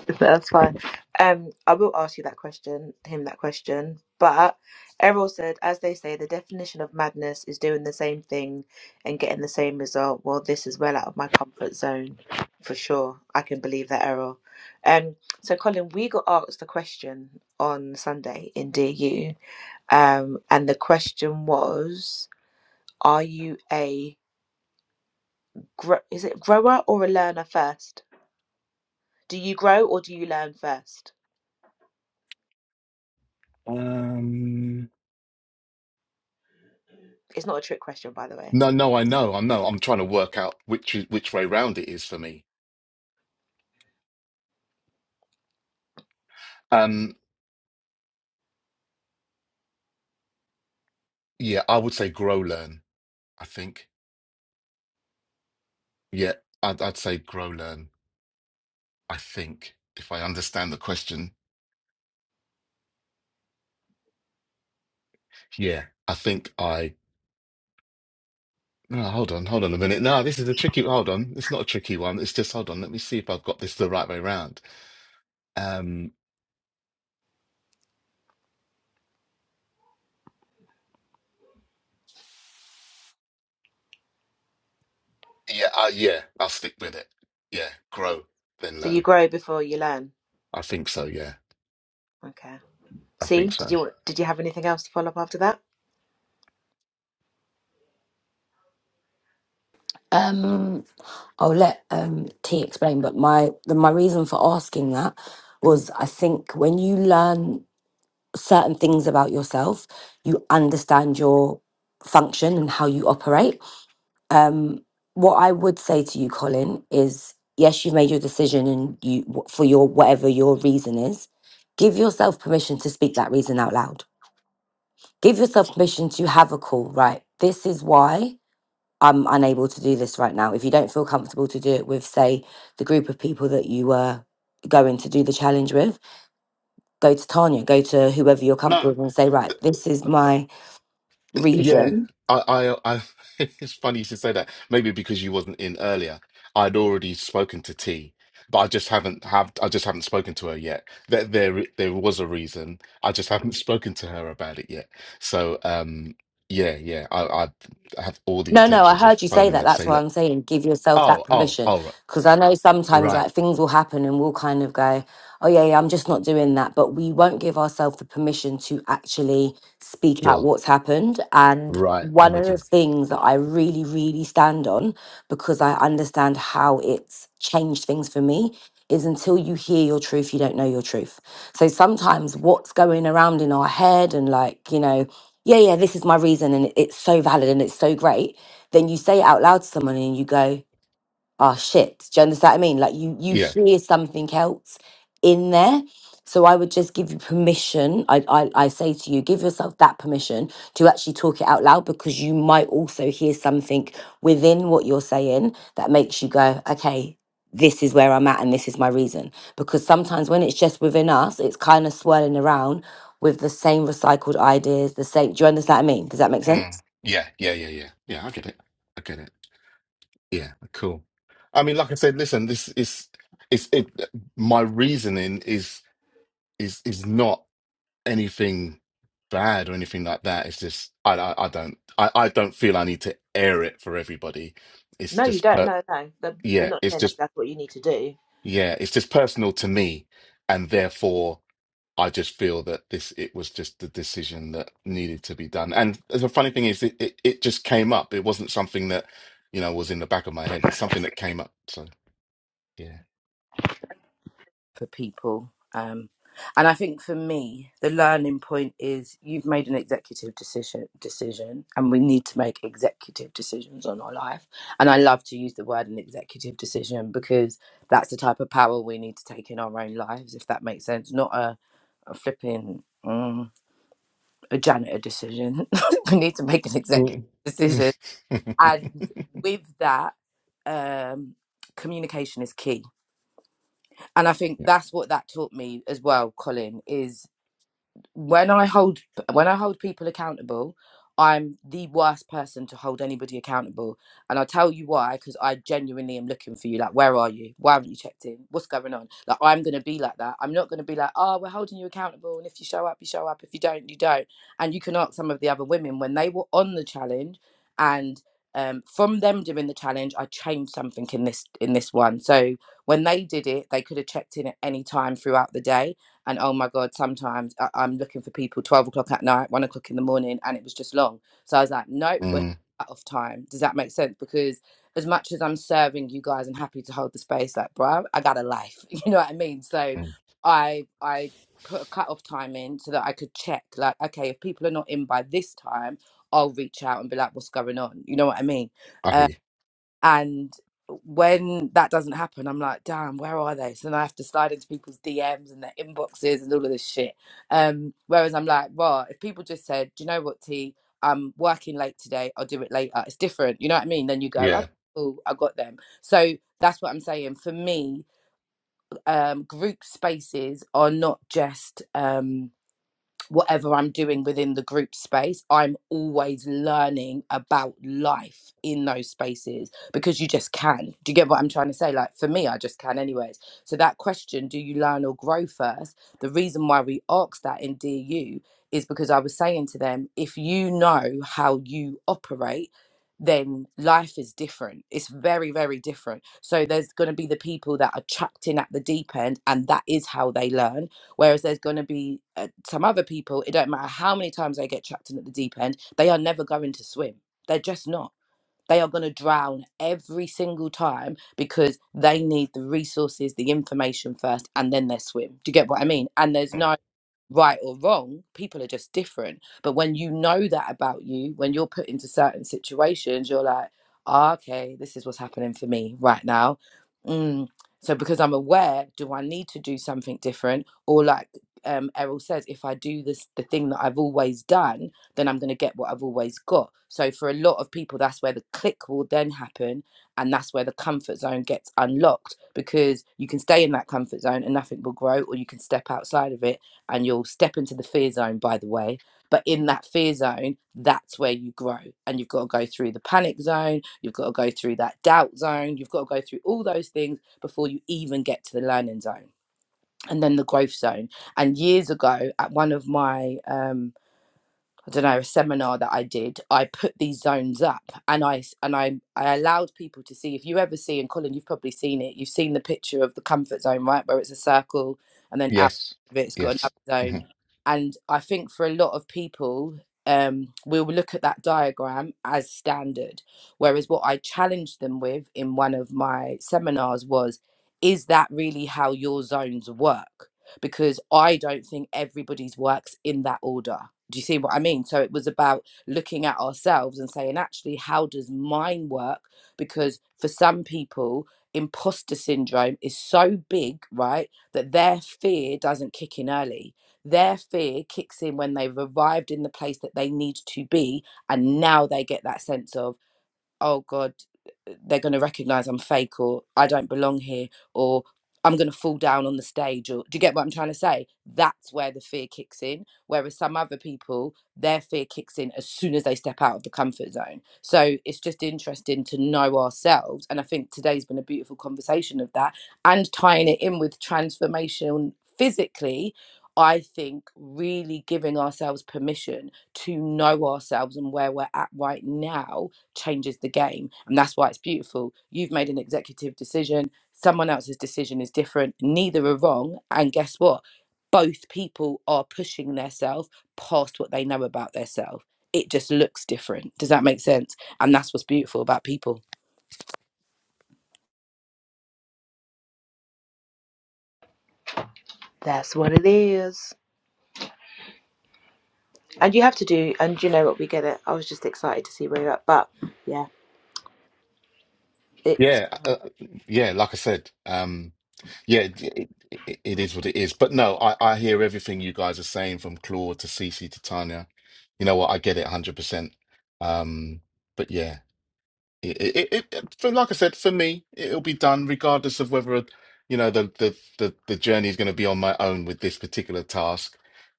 That's fine. Um, I will ask you that question, him that question. But Errol said, as they say, the definition of madness is doing the same thing and getting the same result. Well, this is well out of my comfort zone for sure. I can believe that, Errol. Um, so Colin, we got asked the question on Sunday in DU, um, and the question was, are you a gro- is it grower or a learner first? Do you grow or do you learn first?
Um
It's not a trick question, by the way.
No, no, I know, I know. I'm trying to work out which is- which way round it is for me. Um yeah, I would say grow learn, I think. Yeah, I'd I'd say grow learn, I think, if I understand the question. Yeah. I think I no, hold on, hold on a minute. No, this is a tricky hold on. It's not a tricky one. It's just hold on, let me see if I've got this the right way round. Um yeah, I, yeah, I'll stick with it. Yeah, grow, then
So you
learn.
grow before you learn.
I think so, yeah.
Okay.
I
See,
think
did
so.
you did you have anything else to follow up after that?
Um I'll let um T explain, but my the, my reason for asking that was I think when you learn certain things about yourself, you understand your function and how you operate. Um, what I would say to you, Colin, is yes, you've made your decision, and you for your whatever your reason is, give yourself permission to speak that reason out loud. Give yourself permission to have a call. Right, this is why I'm unable to do this right now. If you don't feel comfortable to do it with, say, the group of people that you were going to do the challenge with, go to Tanya, go to whoever you're
No,
comfortable with, and say, right, this is my
Yeah,
reason
I, I, I it's funny you should say that. Maybe because you wasn't in earlier. I'd already spoken to T, but I just haven't have I just haven't spoken to her yet. There, there, there was a reason. I just haven't spoken to her about it yet. So, um, yeah, yeah. I, I, I have all the
No, no, I
intentions of
heard you say
phoning her
that.
to
That's
say,
why
look,
I'm saying give yourself that
oh, oh,
permission.
oh, right,
Because I know sometimes
right,
like things will happen and we'll kind of go, oh, yeah, yeah, I'm just not doing that. But we won't give ourselves the permission to actually speak out
sure,
what's happened. And
right. I'm
one of
with
the
you.
things that I really, really stand on because I understand how it's changed things for me is until you hear your truth, you don't know your truth. So sometimes what's going around in our head and like, you know, yeah, yeah, this is my reason, and it- it's so valid and it's so great then you say it out loud to someone and you go, oh shit. Do you understand what I mean? Like you you
Yeah,
hear something else in there. So I would just give you permission. I, I I say to you, give yourself that permission to actually talk it out loud because you might also hear something within what you're saying that makes you go, okay, this is where I'm at and this is my reason. Because sometimes when it's just within us, it's kind of swirling around with the same recycled ideas, the same. Do you understand what I mean? Does that make sense?
Mm. yeah, yeah, yeah, yeah, yeah. I get it. I get it. Yeah, cool. I mean, like I said, listen, this is it's it my reasoning is is is not anything bad or anything like that. It's just I I, I don't I, I don't feel I need to air it for everybody. It's
No, you
just
don't.
per
No, no. That- We're
yeah,
not
it's
saying that
just
that's what you need to do.
yeah, it's just personal to me and therefore I just feel that this it was just the decision that needed to be done. And the funny thing is it, it, it just came up. It wasn't something that, you know, was in the back of my head. It's something that came up. So yeah.
for people. Um, and I think for me, the learning point is you've made an executive decision, decision, and we need to make executive decisions on our life. And I love to use the word an executive decision because that's the type of power we need to take in our own lives, if that makes sense. Not a, a flipping mm, a janitor decision. we need to make an executive
Mm.
decision,
Mm,
and with that, um, communication is key and I think that's what that taught me as well, Colin, is when I hold when I hold people accountable, I'm the worst person to hold anybody accountable. And I'll tell you why, because I genuinely am looking for you. Like, where are you? Why haven't you checked in? What's going on? Like I'm gonna be like that. I'm not gonna be like, oh, we're holding you accountable. And if you show up, you show up. If you don't, you don't. And you can ask some of the other women when they were on the challenge and um, from them doing the challenge, I changed something in this in this one. So when they did it, they could have checked in at any time throughout the day and oh my god sometimes I- i'm looking for people 12 o'clock at night 1 o'clock in the morning and it was just long so i was like nope we're
mm.
out of time does that make sense because as much as i'm serving you guys and happy to hold the space like bro i got a life you know what i mean so
mm.
i i put a cut off time in so that i could check like okay if people are not in by this time i'll reach out and be like what's going on you know what i mean
I hear you.
and when that doesn't happen, I'm like, damn, where are they? So then I have to slide into people's DMs and their inboxes and all of this shit. Um, whereas I'm like, well, if people just said, do you know what, T, I'm working late today, I'll do it later. It's different. You know what I mean? Then you go, oh,
Yeah.
cool, I got them. So that's what I'm saying. For me, um, group spaces are not just. Um, whatever I'm doing within the group space, I'm always learning about life in those spaces because you just can. Do you get what I'm trying to say? Like for me, I just can, anyways. So, that question, do you learn or grow first? The reason why we asked that in DU is because I was saying to them, if you know how you operate, then life is different. It's very, very different. So, there's going to be the people that are chucked in at the deep end, and that is how they learn Whereas there's going to be uh, some other people, it don't matter how many times they get chucked in at the deep end, they are never going to swim. They're just not. They are going to drown every single time because they need the resources, the information first, and then they swim. Do you get what I mean? And there's no right or wrong. People are just different. But when you know that about you, when you're put into certain situations, you're like, "Ah, okay, this is what's happening for me right now. Mm. So because I'm aware, do I need to do something different? Or like um, Errol says, if I do this, the thing that I've always done, then I'm going to get what I've always got. So for a lot of people, that's where the click will then happen. And that's where the comfort zone gets unlocked because you can stay in that comfort zone and nothing will grow, or you can step outside of it and you'll step into the fear zone by the way but in that fear zone that's where you grow and you've got to go through the panic zone you've got to go through that doubt zone you've got to go through all those things before you even get to the learning zone and then the growth zone and years ago at one of my um I don't know a seminar that I did. I put these zones up, and I and I I allowed people to see. If you ever see, and Colin, you've probably seen it. You've seen the picture of the comfort zone, right, where it's a circle, and then out
Yes.
of it, it's got
Yes.
another
hmm
zone. And I think for a lot of people, um, we will look at that diagram as standard. Whereas what I challenged them with in one of my seminars was, is that really how your zones work? Because I don't think everybody's works in that order do you see what I mean? So it was about looking at ourselves and saying, actually, how does mine work? Because for some people, imposter syndrome is so big, right, that their fear doesn't kick in early. Their fear kicks in when they've arrived in the place that they need to be. And now they get that sense of, oh god they're going to recognize i'm fake or i don't belong here or i'm going to fall down on the stage or do you get what i'm trying to say that's where the fear kicks in whereas some other people their fear kicks in as soon as they step out of the comfort zone so it's just interesting to know ourselves and i think today's been a beautiful conversation of that and tying it in with transformation physically I think really giving ourselves permission to know ourselves and where we're at right now changes the game. And that's why it's beautiful. You've made an executive decision, someone else's decision is different. Neither are wrong. And guess what? Both people are pushing themselves past what they know about themselves. It just looks different. Does that make sense? And that's what's beautiful about people.
That's what it is. And you have to do. And you know what? We get it. I was just excited to see where you're at. But yeah, it's
Yeah. Uh, uh, yeah. Like I said, um, yeah, it, it, it it is what it is. But no, I, I hear everything you guys are saying from Claude to Cece to Tanya. You know what? I get it 100%. Um, but yeah. It, it, it, it- for, like I said, for me, it'll be done regardless of whether, you know, the the the, the journey is going to be on my own with this particular task.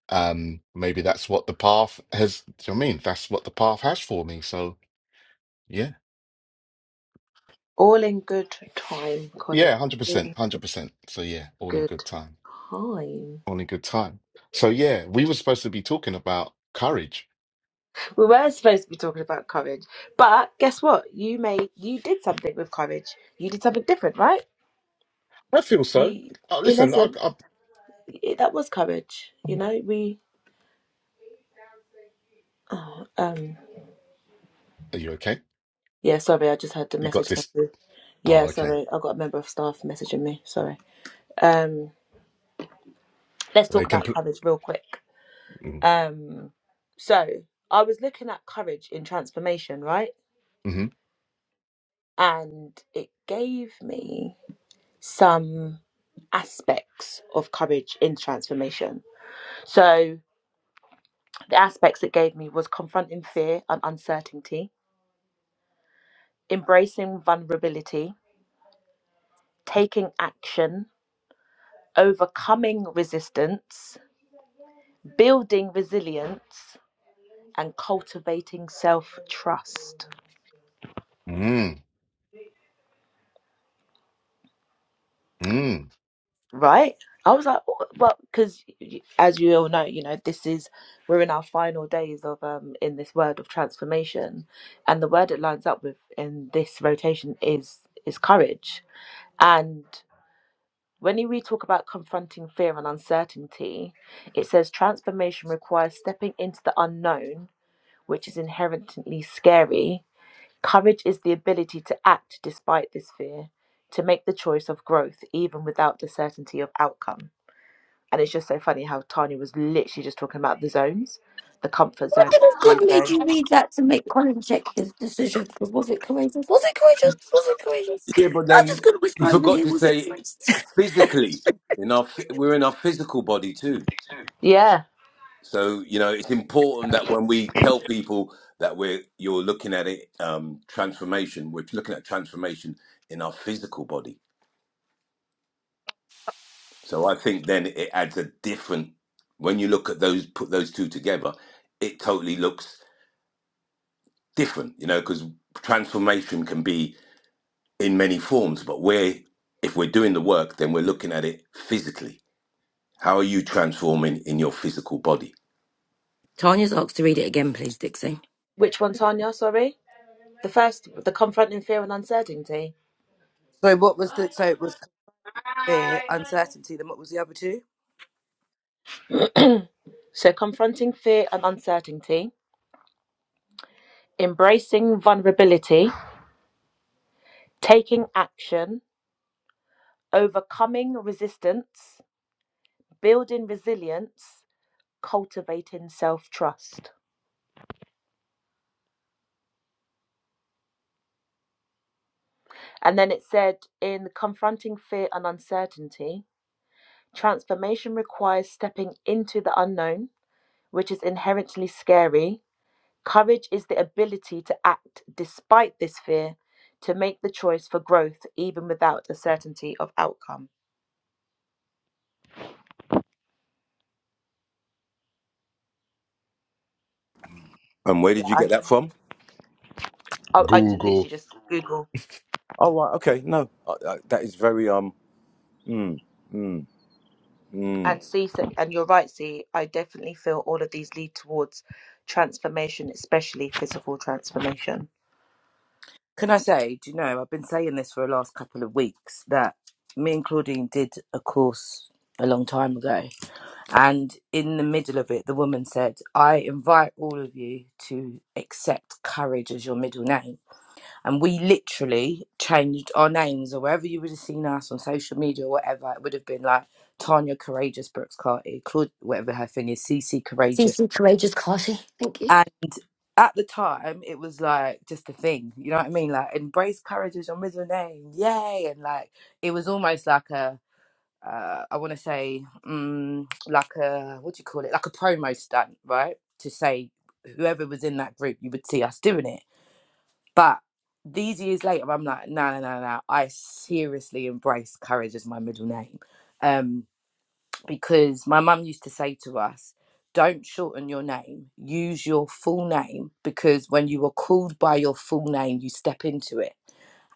Um, maybe that's what the path has. Do you know what I mean? That's what the path has for me. So yeah,
all in good time, Colin.
yeah, one hundred percent,
All
one hundred percent. So yeah, all in
Good
good time,
time.
all in good time. So yeah, we were supposed to be talking about courage.
We were supposed to be talking about courage, but guess what? You made you did something with courage. You did something different, right?
I feel so.
You,
Oh,
in
listen, I,
essence,
I,
it, that was courage. You know, we Um,
are you okay?
yeah, sorry, I just had the
You got
message come
this.
through. Yeah,
Oh, okay.
sorry, I got a member of staff messaging me. Sorry. Um, let's talk
They
about
compl-
courage real quick.
mm,
Um, so I was looking at courage in transformation, right?
mm-hmm.
And it gave me some aspects of courage in transformation. So the aspects it gave me was confronting fear and uncertainty, embracing vulnerability, taking action, overcoming resistance building resilience and cultivating self trust.
Mm, mm.
Right? I was like, oh, well, because as you all know, you know, this is we're in our final days of um in this word of transformation, and the word it lines up with in this rotation is is courage. And when you- we talk about confronting fear and uncertainty, it says transformation requires stepping into the unknown, which is inherently scary, Courage is the ability to act despite this fear, to make the choice of growth even without the certainty of outcome. And it's just so funny how Tanya was literally just talking about the zones, the comfort
What
zone,
did God
fear
made
zone.
you read that to make Colin check his decision? 'Cause was it courageous? Was it courageous? Was it courageous?
Yeah, but
I'm just
then
going to whisper
you
over
forgot
here.
to
Was it
say
courageous?
physically. In our, phy- we're in our physical body too.
Yeah.
So you know, it's important that when we tell people that we're you're looking at it um, transformation, we're looking at transformation in our physical body. So I think then it adds a different. When you look at those, put those two together, it totally looks different. You know, because transformation can be in many forms, but we're if we're doing the work, then we're looking at it physically. How are you transforming in your physical body?
Tanya's asked to read it again, please, Dixie.
Which one, Tanya? Sorry. The first, the confronting fear and uncertainty.
So, what was the so it was fear, uncertainty, then what was the other two?
So, confronting fear and uncertainty, embracing vulnerability, taking action, overcoming resistance, building resilience, cultivating self trust. And then it said, in confronting fear and uncertainty, transformation requires stepping into the unknown, which is inherently scary. Courage is the ability to act despite this fear, to make the choice for growth, even without a certainty of outcome.
And where
Yeah,
did you get
I,
that from?
I, I j-
Google.
literally just Google
Oh right, okay, no, uh, uh, that is very um Mm, mm, mm.
and see, so- and you're right, see, I definitely feel all of these lead towards transformation, especially physical transformation.
Can I say, do you know, I've been saying this for the last couple of weeks that me and Claudine did a course a long time ago And in the middle of it, the woman said, I invite all of you to accept courage as your middle name. And we literally changed our names, or wherever you would have seen us on social media or whatever, it would have been like Tanya Courageous Brooks Carty, Claude, whatever her thing is, CC Courageous.
CC Courageous Carty. Thank you.
And at the time, it was like just a thing, you know what I mean? Like, embrace courage as your middle name, yay! And like, it was almost like a uh, I want to say, um, like a what do you call it? Like a promo stunt, right? To say whoever was in that group, you would see us doing it. But these years later, I'm like, no, no, no, no. I seriously embrace courage as my middle name, um, because my mum used to say to us. Don't shorten your name. Use your full name because when you are called by your full name, you step into it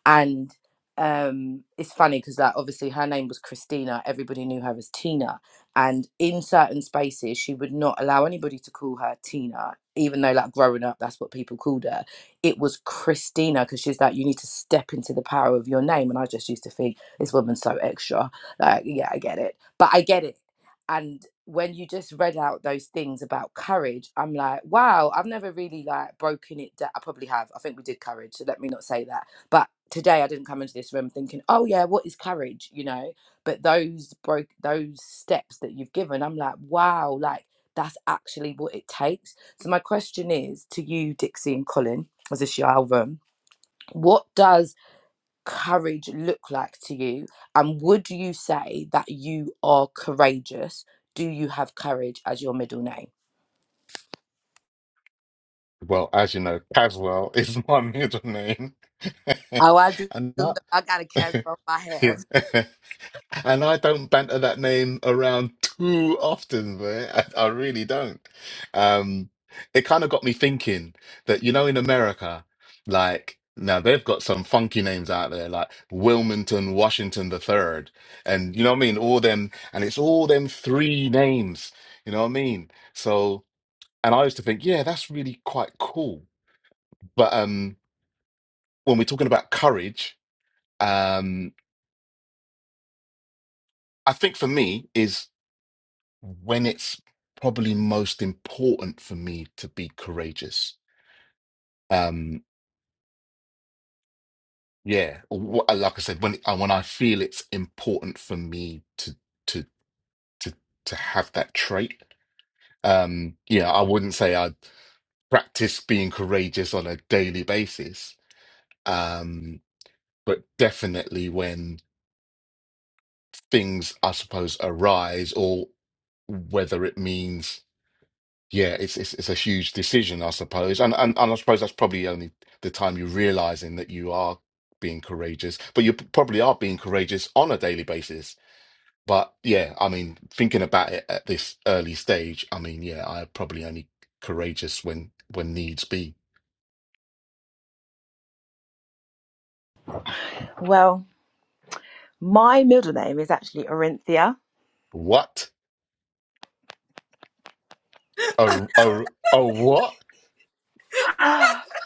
and um it's funny because like obviously her name was christina everybody knew her as tina and in certain spaces she would not allow anybody to call her tina even though like growing up that's what people called her it was christina because she's like you need to step into the power of your name and i just used to think this woman's so extra like yeah i get it but i get it and when you just read out those things about courage i'm like wow i've never really like broken it down i probably have i think we did courage so let me not say that but today i didn't come into this room thinking oh yeah what is courage you know but those broke those steps that you've given i'm like wow like that's actually what it takes so my question is to you dixie and colin as this your album what does courage look like to you and would you say that you are courageous do you have courage as your middle name
Well, as you know, Caswell is my middle name.
oh i do
And not
i got a cast on my hair
yeah. And I don't banter that name around too often, man. I, I really don't. Um, it kind of got me thinking that, you know, in America, like now they've got some funky names out there, like Wilmington Washington the Third, and you know what I mean? All them, and it's all them three names, you know what I mean? So, and I used to think, yeah, that's really quite cool but um, when we're talking about courage, um, I think for me is when it's probably most important for me to be courageous. Um, yeah, wh- like I said, when uh, when I feel it's important for me to to to to have that trait. Um, yeah, I wouldn't say I practice being courageous on a daily basis, um, but definitely when things, I suppose, arise or whether it means Yeah, it's it's it's a huge decision, I suppose, and and and I suppose that's probably only the time you're realizing that you are being courageous, but you p- probably are being courageous on a daily basis. But yeah, I mean, thinking about it at this early stage, I mean, yeah, I'm probably only courageous when when needs be.
Well, my middle name is actually Orinthia
What a a a what?
My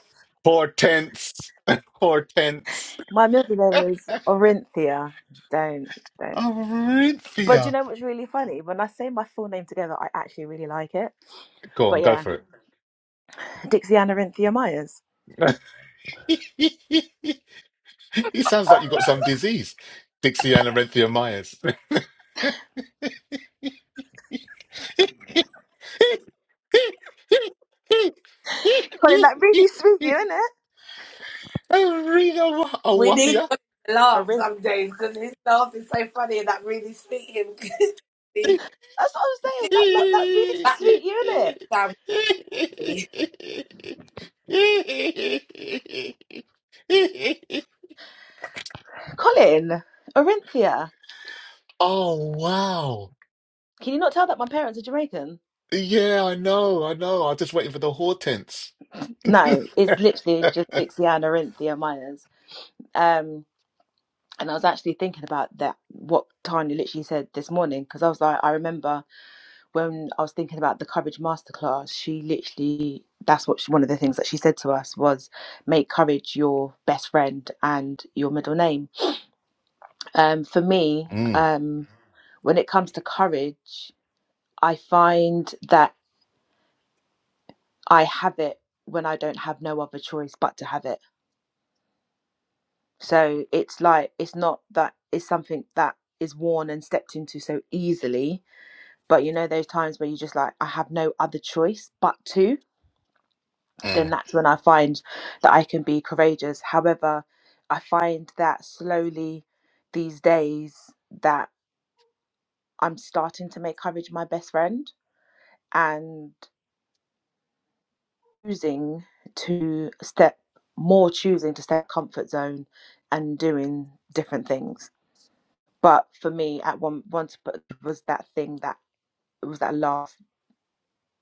Hortense, Hortense.
middle name is Orinthia. Don't don't. But do you
Orinthia.
know what's really funny? When I say my full name together, I actually really like it.
Go
But
on, go
yeah,
for
Dixie Ann Orinthia Myers.
it. It sounds like you got some disease, Dixiana Renthia Myers.
Colin, that really sweet you, innit?
Rita
We need
Awafia.
God to laugh
Orinth.
some days because his laugh is so funny and that really speak him. See,
That's what I'm saying. That like, that really
that does
sweet you, innit?
sound funny.
Colin, Orinthia.
Oh, wow.
Can you not tell that my parents are Jamaican?
Yeah, I know, I know. I'm just waiting for the hortense.
No, it's literally just Dixie Ann Orinthia Myers. Um, and I was actually thinking about that what Tanya literally said this morning because I was like, I remember. when I was thinking about the courage masterclass, she literally that's what she, one of the things that she said to us was make courage your best friend and your middle name. Um, for me,
Mm.
um, when it comes to courage, I find that I have it when I don't have no other choice but to have it. So it's like it's not that it's something that is worn and stepped into so easily, but you know those times where you're just like I have no other choice but to then
Mm.
that's when I find that I can be courageous. However, I find that slowly these days that I'm starting to make courage my best friend and choosing to step more choosing to step comfort zone and doing different things. But for me at one once but was that thing that it was that last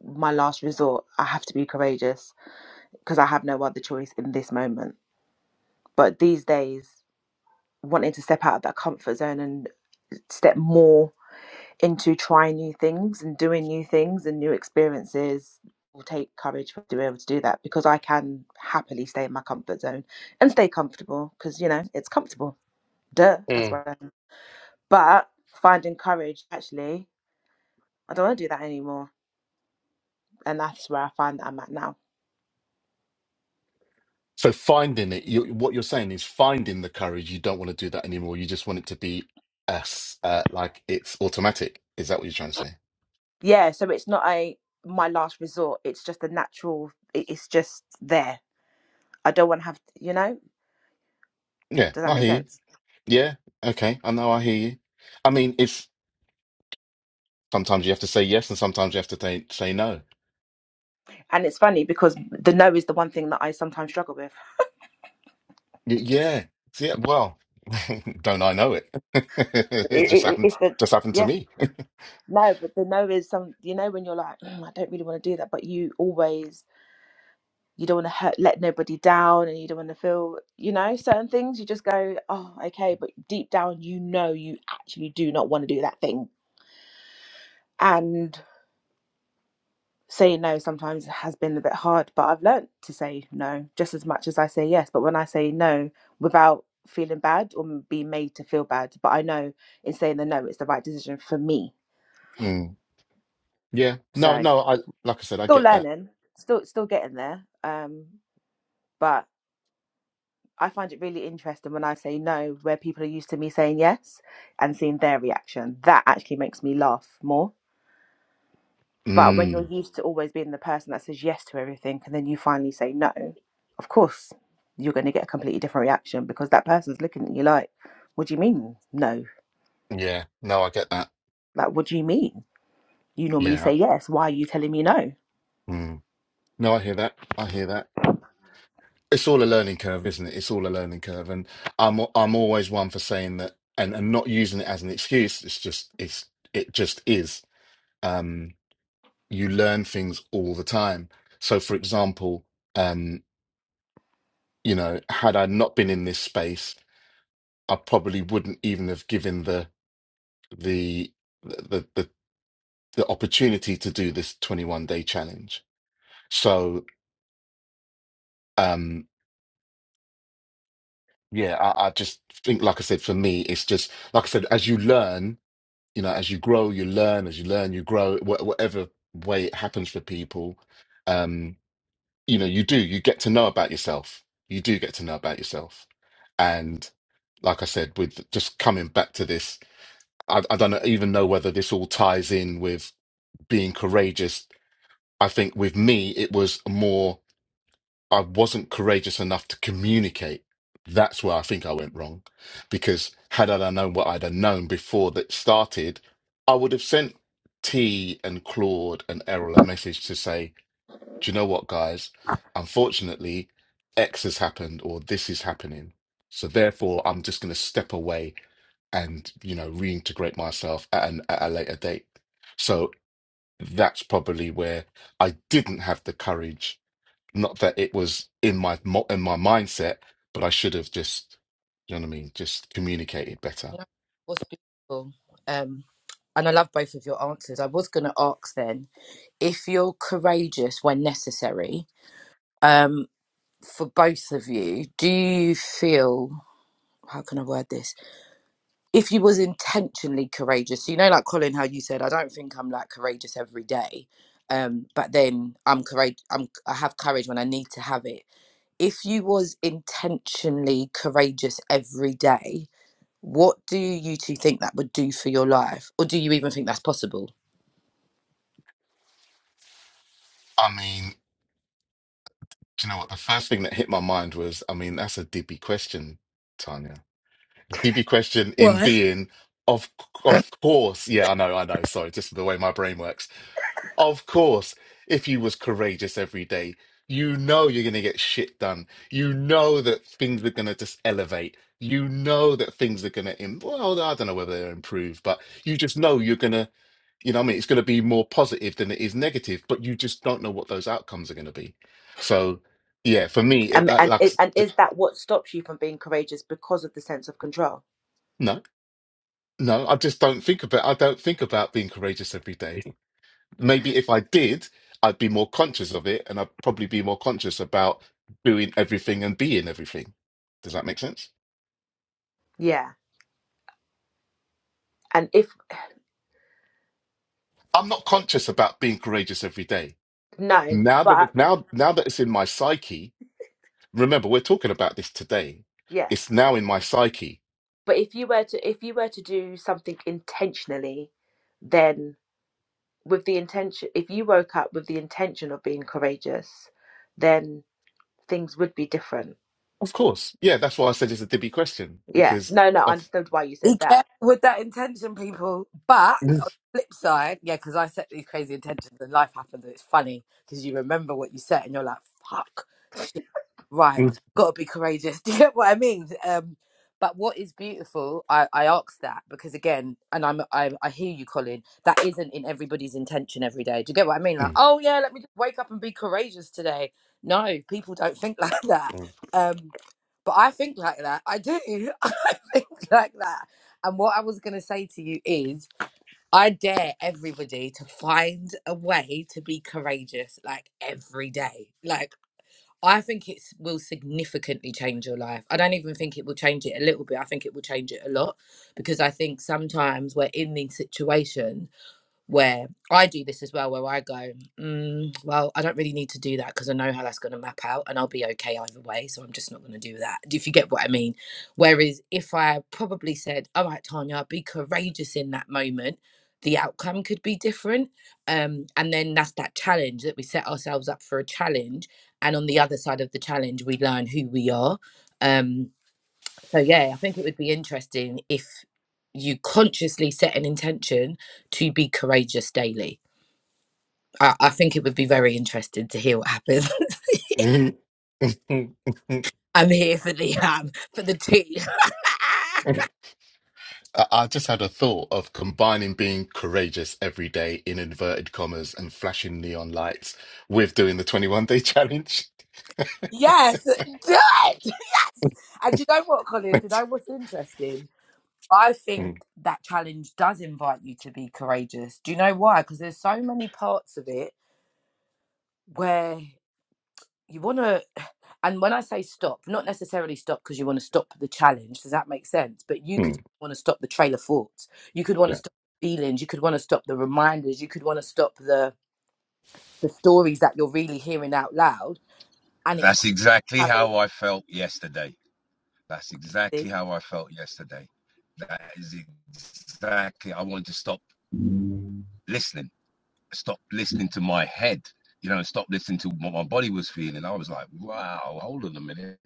my last resort. I have to be courageous because I have no other choice in this moment. But these days wanting to step out of that comfort zone and step more into trying new things and doing new things and new experiences will take courage to be able to do that because I can happily stay in my comfort zone and stay comfortable because you know it's comfortable. Duh, that's
Mm.
why. But finding courage, actually, I don't want to do that anymore, and that's where I find that I'm at now.
So finding it, you, what you're saying is finding the courage. You don't want to do that anymore. You just want it to be as uh, like it's automatic. Is that what you're trying to say?
Yeah, so it's not a my last resort. It's just a natural. It's just there. I don't want to have. You know,
Yeah,
does that
I
make
hear you.
sense?
Yeah, okay, I know. I hear you. I mean, it's sometimes you have to say yes, and sometimes you have to say say no.
And it's funny because the no is the one thing that I sometimes struggle with.
Y- yeah, see, yeah. Well, don't I know it? it
It,
just
it, it's
happened.
the
Just happened to
yeah
me.
no, but the no is some you know when you're like "Mm, I don't really want to do that, but you always you don't want to hurt let nobody down and you don't want to feel you know certain things. You just go oh okay, but deep down you know you actually do not want to do that thing. and. Say no sometimes has been a bit hard, but I've learnt to say no just as much as I say yes. But when I say no without feeling bad or being made to feel bad, but I know in saying the no, it's the right decision for me.
Mm. Yeah. No.
So
No. I like I said, I
still
get that.
learning, still still getting there. Um, but I find it really interesting when I say no, where people are used to me saying yes and seeing their reaction. That actually makes me laugh more But when you're
Mm.
used to always being the person that says yes to everything and then you finally say no, of course you're going to get a completely different reaction because that person's looking at you like, what do you mean no?
Yeah. No, I get that.
Like, what do you mean? You normally
Yeah.
say yes. Why are you telling me no?
Mm. No, I hear that. I hear that. It's all a learning curve, isn't it? It's all a learning curve, and I'm I'm always one for saying that and and not using it as an excuse. It's just it's it just is. Um, you learn things all the time. So, for example, um, you know, had I not been in this space, I probably wouldn't even have given the the the the, the opportunity to do this 21 day challenge. So. um Yeah, I, I just think, like I said, for me, it's just like I said, as you learn, you know, as you grow, you learn, as you learn, you grow, wh whatever way it happens for people, um, you know, you do, you get to know about yourself. You do get to know about yourself. And like I said, with just coming back to this, I, I don't even know whether this all ties in with being courageous. I think with me, it was more. I wasn't courageous enough to communicate. That's where I think I went wrong. Because had I known what I'd have known before that started, I would have sent T and Claude and Errol a message to say, Do you know what, guys? Unfortunately, X has happened or this is happening. So therefore, I'm just going to step away and, you know, reintegrate myself at, an, at a later date. So that's probably where I didn't have the courage not that it was in my mo- in my mindset, but I should have just, you know what I mean, just communicated better.
No, what's beautiful. Um, and I love both of your answers. I was going to ask then if you're courageous when necessary. Um, for both of you, do you feel? How can I word this? if you was intentionally courageous So, you know like colin how you said i don't think i'm like courageous every day um but then i'm courage i'm i have courage when i need to have it if you was intentionally courageous every day what do you two think that would do for your life or do you even think that's possible
I mean, do you know what? The first thing that hit my mind was, I mean, that's a dibby question, Tanya. Dibby question in
Why?
being, of of course, yeah, I know, I know. Sorry, just the way my brain works. Of course, if you was courageous every day, you know you're going to get shit done. You know that things are going to just elevate. You know that things are going to, Im- well, I don't know whether they're improved, but you just know you're going to, you know, what I mean, it's going to be more positive than it is negative, but you just don't know what those outcomes are going to be. So, yeah, for me, it,
And,
that
and,
like, s-
and
j-
is that what stops you from being courageous because of the sense of control?
no, no, I just don't think about, I don't think about being courageous every day. maybe if I did, I'd be more conscious of it and I'd probably be more conscious about doing everything and being everything. Does that make sense?
Yeah. And if
I'm not conscious about being courageous every day.
no,
Now that
but
it, now now that it's in my psyche, remember we're talking about this today.
yeah,
It's now in my psyche.
but if you were to if you were to do something intentionally, then with the intention if you woke up with the intention of being courageous then things would be different
Of course. Yeah, that's why I said it's a dibby question
yeah
because
no no i
of
understood why you said
be careful
that
with that intention people but flip side, yeah, because I set these crazy intentions and life happens and it's funny because you remember what you set and you're like, fuck, shit, right, gotta be courageous. Do you get what I mean? Um, but what is beautiful, I, I ask that because again, and I'm I, I hear you, Colin. That isn't in everybody's intention every day. Do you get what I mean? Like, oh yeah, let me just wake up and be courageous today. No, people don't think like that. Um, but I think like that. I do. I think like that. And what I was gonna say to you is I dare everybody to find a way to be courageous, like every day. Like, I think it will significantly change your life. I don't even think it will change it a little bit. I think it will change it a lot because I think sometimes we're in these situations where I do this as well, where I go, mm, well, I don't really need to do that because I know how that's going to map out and I'll be okay either way. So I'm just not going to do that. If you get what I mean. Whereas if I probably said, all right, Tanya, be courageous in that moment, the outcome could be different. Um, and then that's that challenge that we set ourselves up for a challenge. And on the other side of the challenge, we learn who we are. Um, so yeah, I think it would be interesting if you consciously set an intention to be courageous daily. I, I think it would be very interesting to hear what happens.
Mm, mm,
I'm here for the um for the tea.
mm. I I just had a thought of combining being courageous every day in inverted commas and flashing neon lights with doing the 21 day challenge.
yes, do it. Yes. And do you know what, Colin? Do you know what's interesting? I think
Mm,
that challenge does invite you to be courageous. Do you know why? Because there's so many parts of it where you want to and when i say stop not necessarily stop because you want to stop the challenge does that make sense but you could
mm,
want to stop the trailer thoughts you could want to
yeah.
stop the feelings you could want to stop the reminders you could want to stop the the stories that you're really hearing out loud and it's
That's exactly
carrying
how I felt yesterday. That's
you
exactly
see
how I felt yesterday. That is exactly. I wanted to stop listening, stop listening to my head, you know, and stop listening to what my body was feeling. I was like, wow, hold on a minute.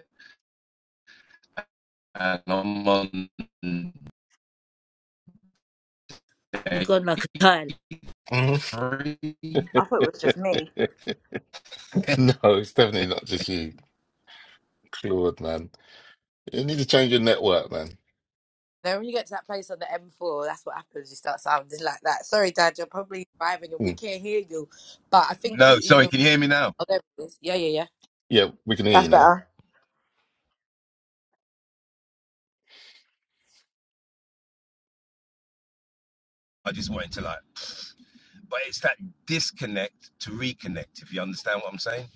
And I'm on
You
day
gone like a child.
Mm.
three.
I thought it was just me.
No, it's definitely not just you, Claude, man. You need to change your network, man.
then when you get to that place on the M4, that's what happens. You start sounding like that. Sorry, Dad, you're probably driving and we
Mm.
can't hear you. But I think he
No, sorry,
even.
can you hear me now?
oh, there it is. Yeah, yeah, yeah.
Yeah, we can hear
That's
you now.
better.
I just wanted to like, but it's that disconnect to reconnect, if you understand what I'm saying.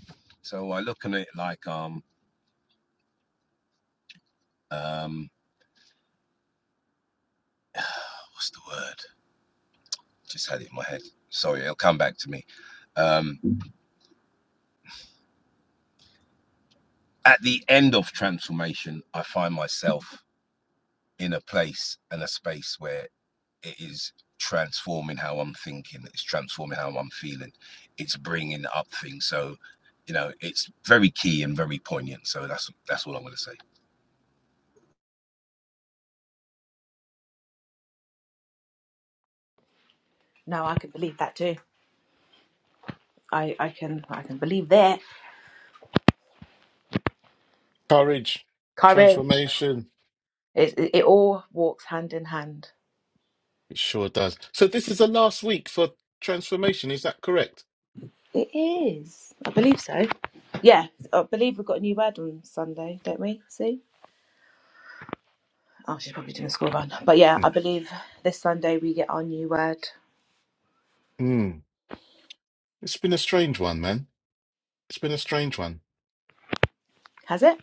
So I look at it like, um. um oh, what's the word just had it in my head sorry it'll come back to me um at the end of transformation i find myself in a place and a space where it is transforming how i'm thinking it's transforming how i'm feeling it's bringing up things so you know it's very key and very poignant so that's that's all i'm going to say
No, I can believe that too. I, I can I can believe that.
Courage,
courage
transformation.
it, it, it all walks hand in hand
It sure does. So this is the last week for transformation. Is that correct?
It is. I believe so. Yeah, I believe we've got a new word on Sunday, don't we? See? Oh, she's probably doing a school run. But yeah, I
Mm.
believe this Sunday we get our new word.
Mm. It's been a strange one, man. It's been a strange one.
Has it?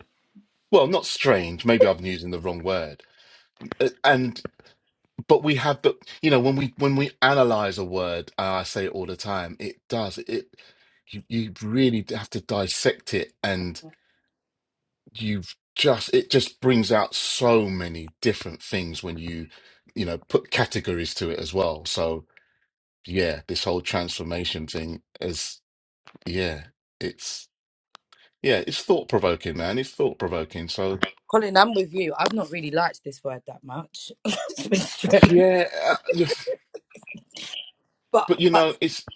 Well, not strange. Maybe I've been using the wrong word. Uh, And but we have the you know when we when we analyze a word, and I say it all the time. It does it. You you really have to dissect it, and you've just it just brings out so many different things when you you know put categories to it as well. So yeah, this whole transformation thing is yeah, it's yeah, it's thought provoking, man. It's thought provoking. So.
Colin, I'm with you. I've not really liked this word that much. to be straight.
Yeah, uh,
But
But you
but
know, it's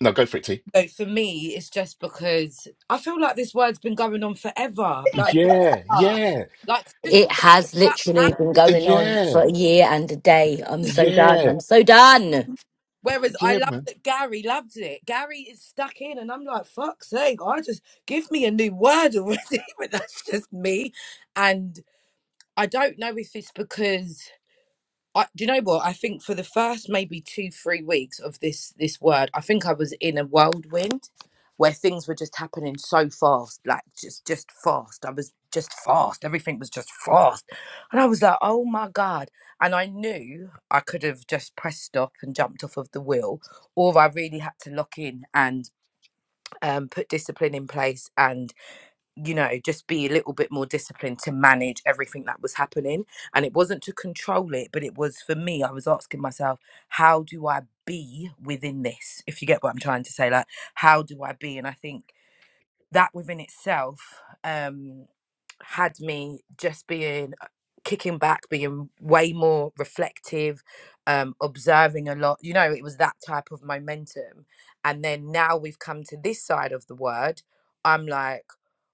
no go for it, T.
no, for me, it's just because I feel like this word's been going on forever. Like
Yeah,
forever.
yeah,
Like just
It
y-
has
that
literally been going on
yeah,
for a year and a day. I'm so done.
yeah,
I'm so done.
whereas I
yeah,
love
man.
that Gary loves it. Gary is stuck in and I'm like, fuck's sake, I just give me a new word already. but that's just me. And I don't know if it's because I, do you know what? I think for the first maybe two, three weeks of this this word, I think I was in a whirlwind where things were just happening so fast, like just just fast. I was just fast. Everything was just fast, and I was like, "Oh my god!" And I knew I could have just pressed stop and jumped off of the wheel, or I really had to lock in and um, put discipline in place and you know, just be a little bit more disciplined to manage everything that was happening. And it wasn't to control it, but it was for me, I was asking myself, how do I be within this? If you get what I'm trying to say, like, how do I be? And I think that within itself um, had me just being uh, kicking back, being way more reflective, um, observing a lot. You know, it was that type of momentum. And then now we've come to this side of the word, I'm like,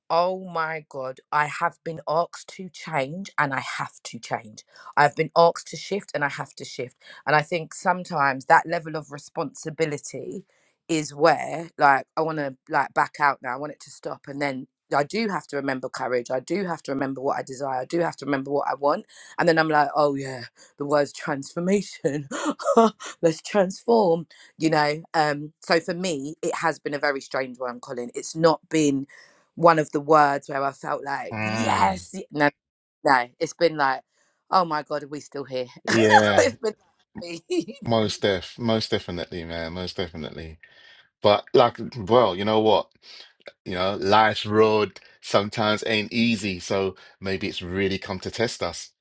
oh my God, I have been asked to change and I have to change. I've been asked to shift and I have to shift. And I think sometimes that level of responsibility is where like I want to like back out now. I want it to stop, and then I do have to remember courage. I do have to remember what I desire. I do have to remember what I want, and then I'm like, oh yeah, the word's transformation. Let's transform, you know. Um, so for me, it has been a very strange one, Colin. It's not been one of the words where I felt like
Mm.
yes, y- no, no. It's been like, oh my god, are we still here?
Yeah,
it's been
most def, most definitely, man, most definitely. But like, well, you know what? You know, life's road sometimes ain't easy, so maybe it's really come to test us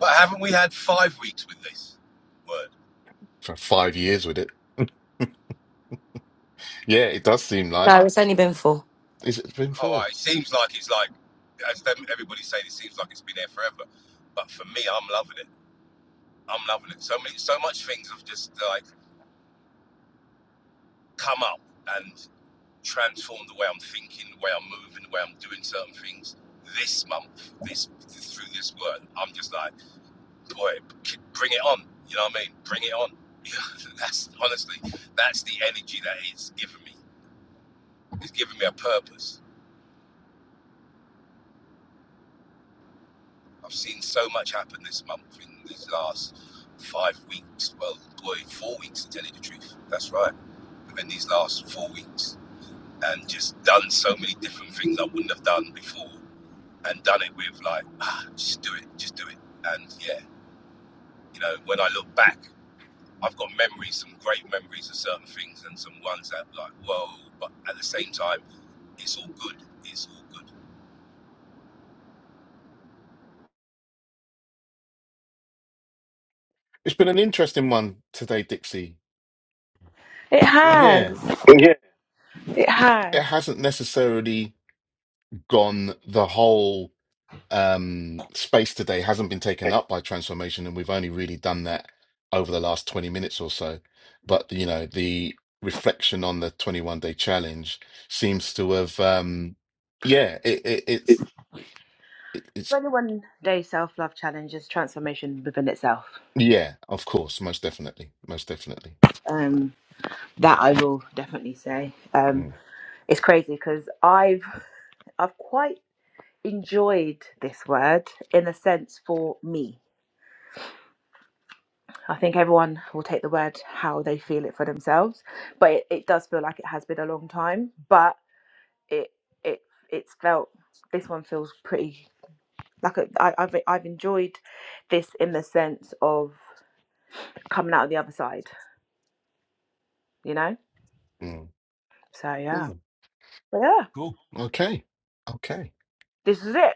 But haven't we had five weeks with this word?
for five years with it. Yeah, it does seem
No,
like
it's only been four.
it's it's been
All
four.
right, it seems like it's like, as them, everybody say, it seems like it's been there forever. But for me, I'm loving it. I'm loving it. So many, so much things have just like come up and transformed the way I'm thinking, the way I'm moving, the way I'm doing certain things. This month, this through this work, I'm just like, boy, bring it on. You know what I mean? Bring it on. that's honestly, that's the energy that it's given me. It's given me a purpose. I've seen so much happen this month in these last five weeks. Well, boy, four weeks to tell you the truth. That's right. And Within these last four weeks and just done so many different things I wouldn't have done before and done it with like, ah, just do it, just do it. And yeah, you know, when I look back, I've got memories, some great memories of certain things and some ones that like, whoa, but at the same time, it's all good. It's all good.
It's been an interesting one today, Dixie.
it
Yeah,
has It
it
has.
hasn't necessarily gone the whole. um, space today hasn't been taken up by transformation, and we've only really done that over the last 20 minutes or so. But you know, the reflection on the 21 day challenge seems to have, um, yeah, it, it, it's, it, it's,
21 day self love challenge is transformation within itself.
yeah, of course, most definitely, most definitely.
Um, that I will definitely say. Um,
Mm,
it's crazy because I've I've quite enjoyed this word in a sense for me. I think everyone will take the word how they feel it for themselves, but it, it does feel like it has been a long time. But it it it's felt this one feels pretty like I, I- have I've enjoyed this in the sense of coming out of the other side. you know?
mm,
So yeah.
mm.
But yeah,
Cool. Okay, okay,
this is it.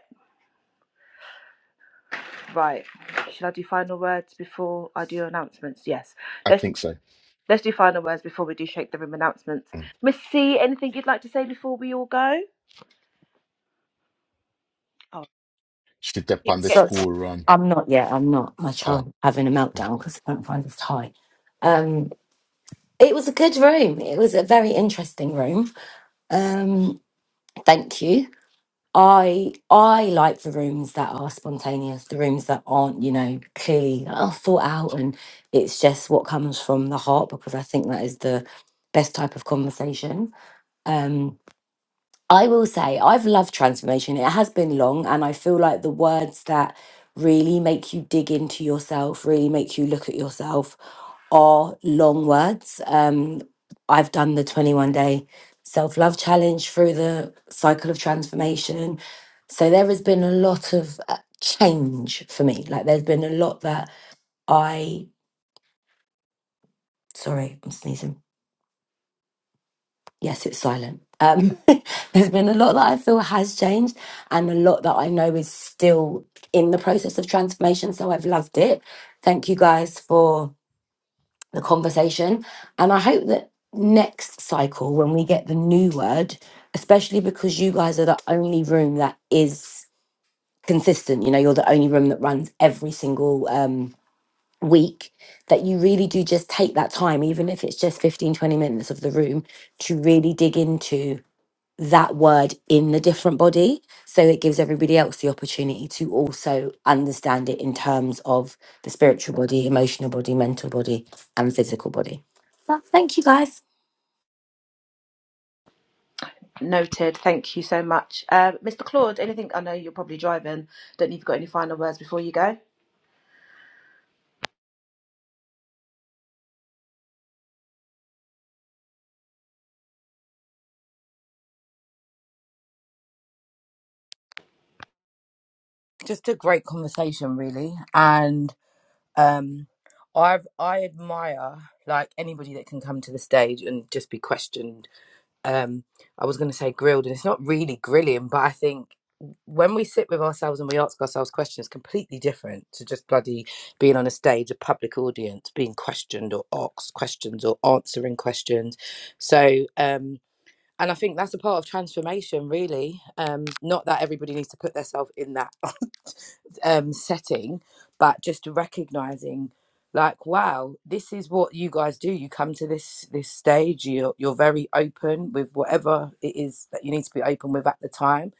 Right. Should I do final words before I do announcements? Yes.
I
Let's
think so.
let's do final words before we do shake the room announcements.
Mm.
Miss C, anything you'd like to say before we all go? Oh,
Should
keep
depend the
getting-
So
school run.
I'm not yet. I'm not. My
Oh.
child
mm.
having a meltdown because I don't find this high. Um, it was a good room. It was a very interesting room. Um, thank you. I I like the rooms that are spontaneous, the rooms that aren't, you know, clearly uh, thought out, and it's just what comes from the heart because I think that is the best type of conversation. Um, I will say I've loved transformation. It has been long, and I feel like the words that really make you dig into yourself, really make you look at yourself, are long words. Um, I've done the 21 day self love challenge through the cycle of transformation. So there has been a lot of uh, change for me. Like there's been a lot that I, sorry, I'm sneezing. Yes, it's silent. Um, there's been a lot that I feel has changed and a lot that I know is still in the process of transformation. So I've loved it. Thank you guys for the conversation. And I hope that next cycle, when we get the new word, especially because you guys are the only room that is consistent, you know, you're the only room that runs every single um, week, that you really do just take that time, even if it's just 15 20 minutes of the room, to really dig into that word in the different body. So it gives everybody else the opportunity to also understand it in terms of the spiritual body, emotional body, mental body, and physical body. Well, thank you guys.
Noted. Thank you so much, uh, Mr. Claude. Anything? I know you're probably driving. Don't know if you've got any final words before you go.
just a great conversation, really, and. Um, I I admire like anybody that can come to the stage and just be questioned. Um, I was going to say grilled, and it's not really grilling, but I think when we sit with ourselves and we ask ourselves questions, completely different to just bloody being on a stage, a public audience, being questioned or asked questions or answering questions. So. Um, and I think that's a part of transformation, really. Um, not that everybody needs to put themselves in that um, setting, but just recognizing, like, wow, this is what you guys do. You come to this this stage. You're you're very open with whatever it is that you need to be open with at the time,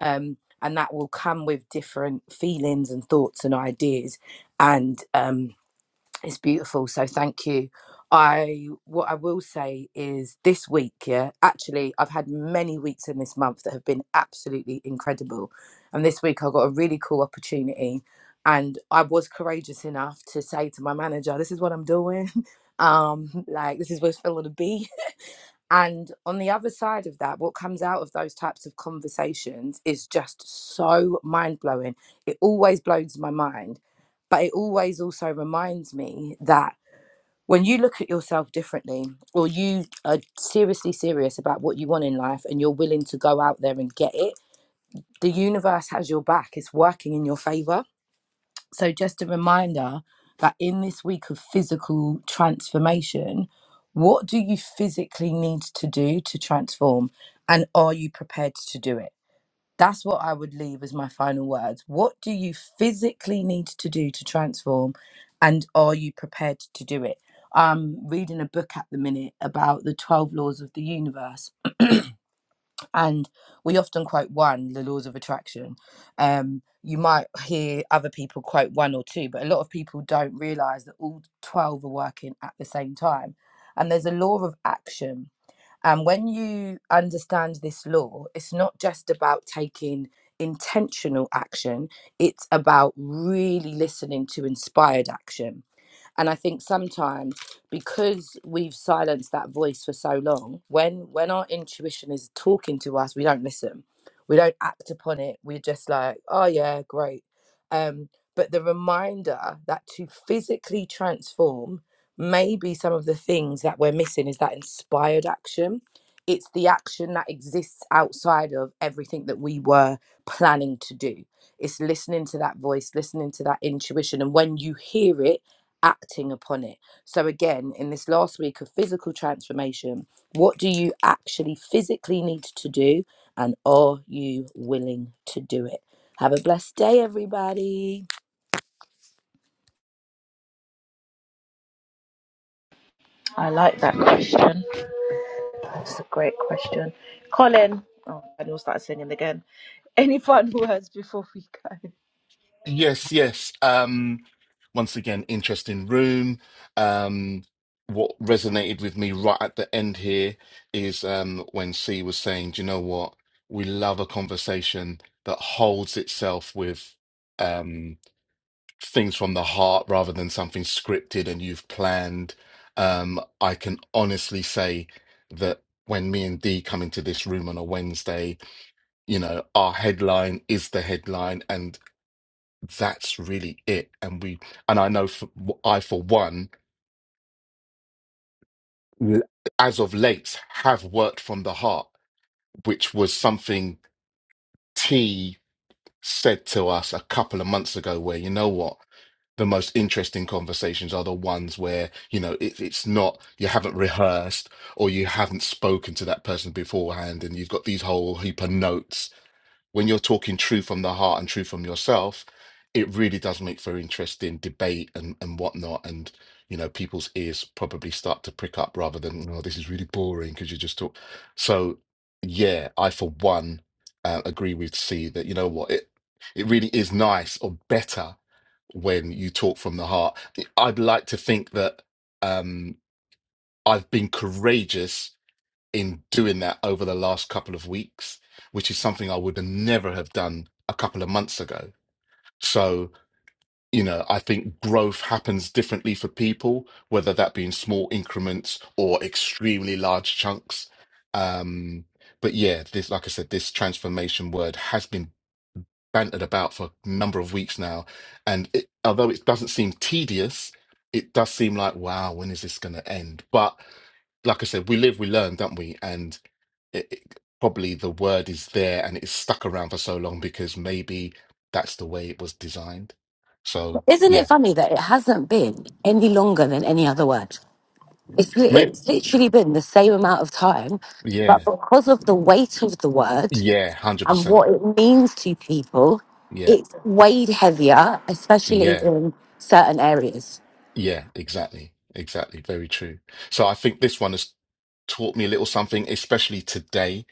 um, and that will come with different feelings and thoughts and ideas, and um, it's beautiful so thank you i what i will say is this week yeah actually i've had many weeks in this month that have been absolutely incredible and this week i got a really cool opportunity and i was courageous enough to say to my manager this is what i'm doing um like this is what's feeling to be and on the other side of that, what comes out of those types of conversations is just so mind blowing. It always blows my mind, but it always also reminds me that when you look at yourself differently or you are seriously serious about what you want in life and you're willing to go out there and get it, the universe has your back. It's working in your favor so, just a reminder that in this week of physical transformation, what do you physically need to do to transform? And are you prepared to do it? That's what I would leave as my final words. What do you physically need to do to transform? And are you prepared to do it? I'm reading a book at the minute about the 12 laws of the universe and we often quote one the laws of attraction um you might hear other people quote one or two but a lot of people don't realize that all 12 are working at the same time and there's a law of action and when you understand this law it's not just about taking intentional action it's about really listening to inspired action and i think sometimes because we've silenced that voice for so long when when our intuition is talking to us we don't listen we don't act upon it we're just like oh yeah great um but the reminder that to physically transform maybe some of the things that we're missing is that inspired action it's the action that exists outside of everything that we were planning to do it's listening to that voice listening to that intuition and when you hear it acting upon it. So, again, in this last week of physical transformation, what do you actually physically need to do? And are you willing to do it? Have a blessed day, everybody.
I like that question. That's a great question, Colin. Oh, and you'll start singing again. Any final words before we go?
Yes, yes. Um, once again, interesting room. Um, what resonated with me right at the end here is um, when C was saying, "Do you know what? We love a conversation that holds itself with um, things from the heart rather than something scripted and you've planned." Um, I can honestly say that when me and D come into this room on a Wednesday, you know, our headline is the headline, and that's really it. And we, and I know for, I, for one, l- as of late, have worked from the heart, which was something T said to us a couple of months ago, where you know what? The most interesting conversations are the ones where, you know, it, it's not, you haven't rehearsed or you haven't spoken to that person beforehand and you've got these whole heap of notes when you're talking true from the heart and true from yourself, it really does make for interesting debate and, and whatnot. And, you know, people's ears probably start to prick up rather than, oh, this is really boring because you just talk. So, yeah, I, for one, uh, agree with C that, you know what, it, it really is nice or better when you talk from the heart. I'd like to think that um, I've been courageous in doing that over the last couple of weeks, which is something I would never have done a couple of months ago. So, you know, I think growth happens differently for people, whether that be in small increments or extremely large chunks. Um, but yeah, this, like I said, this transformation word has been bantered about for a number of weeks now. And it, although it doesn't seem tedious, it does seem like, wow, when is this going to end? But like I said, we live, we learn, don't we? And it, it- probably the word is there and it's stuck around for so long because maybe that's the way it was designed. So
Isn't
yeah,
it funny that it hasn't been any longer than any other word? It's, li-
maybe
it's literally been the same amount of time, but
yeah,
because of the weight of the word
yeah, hundred
and
percent,
what it means to people,
yeah,
it's weighed heavier, especially
yeah,
in certain areas.
yeah, exactly, exactly, very true. So I think this one has taught me a little something, especially today,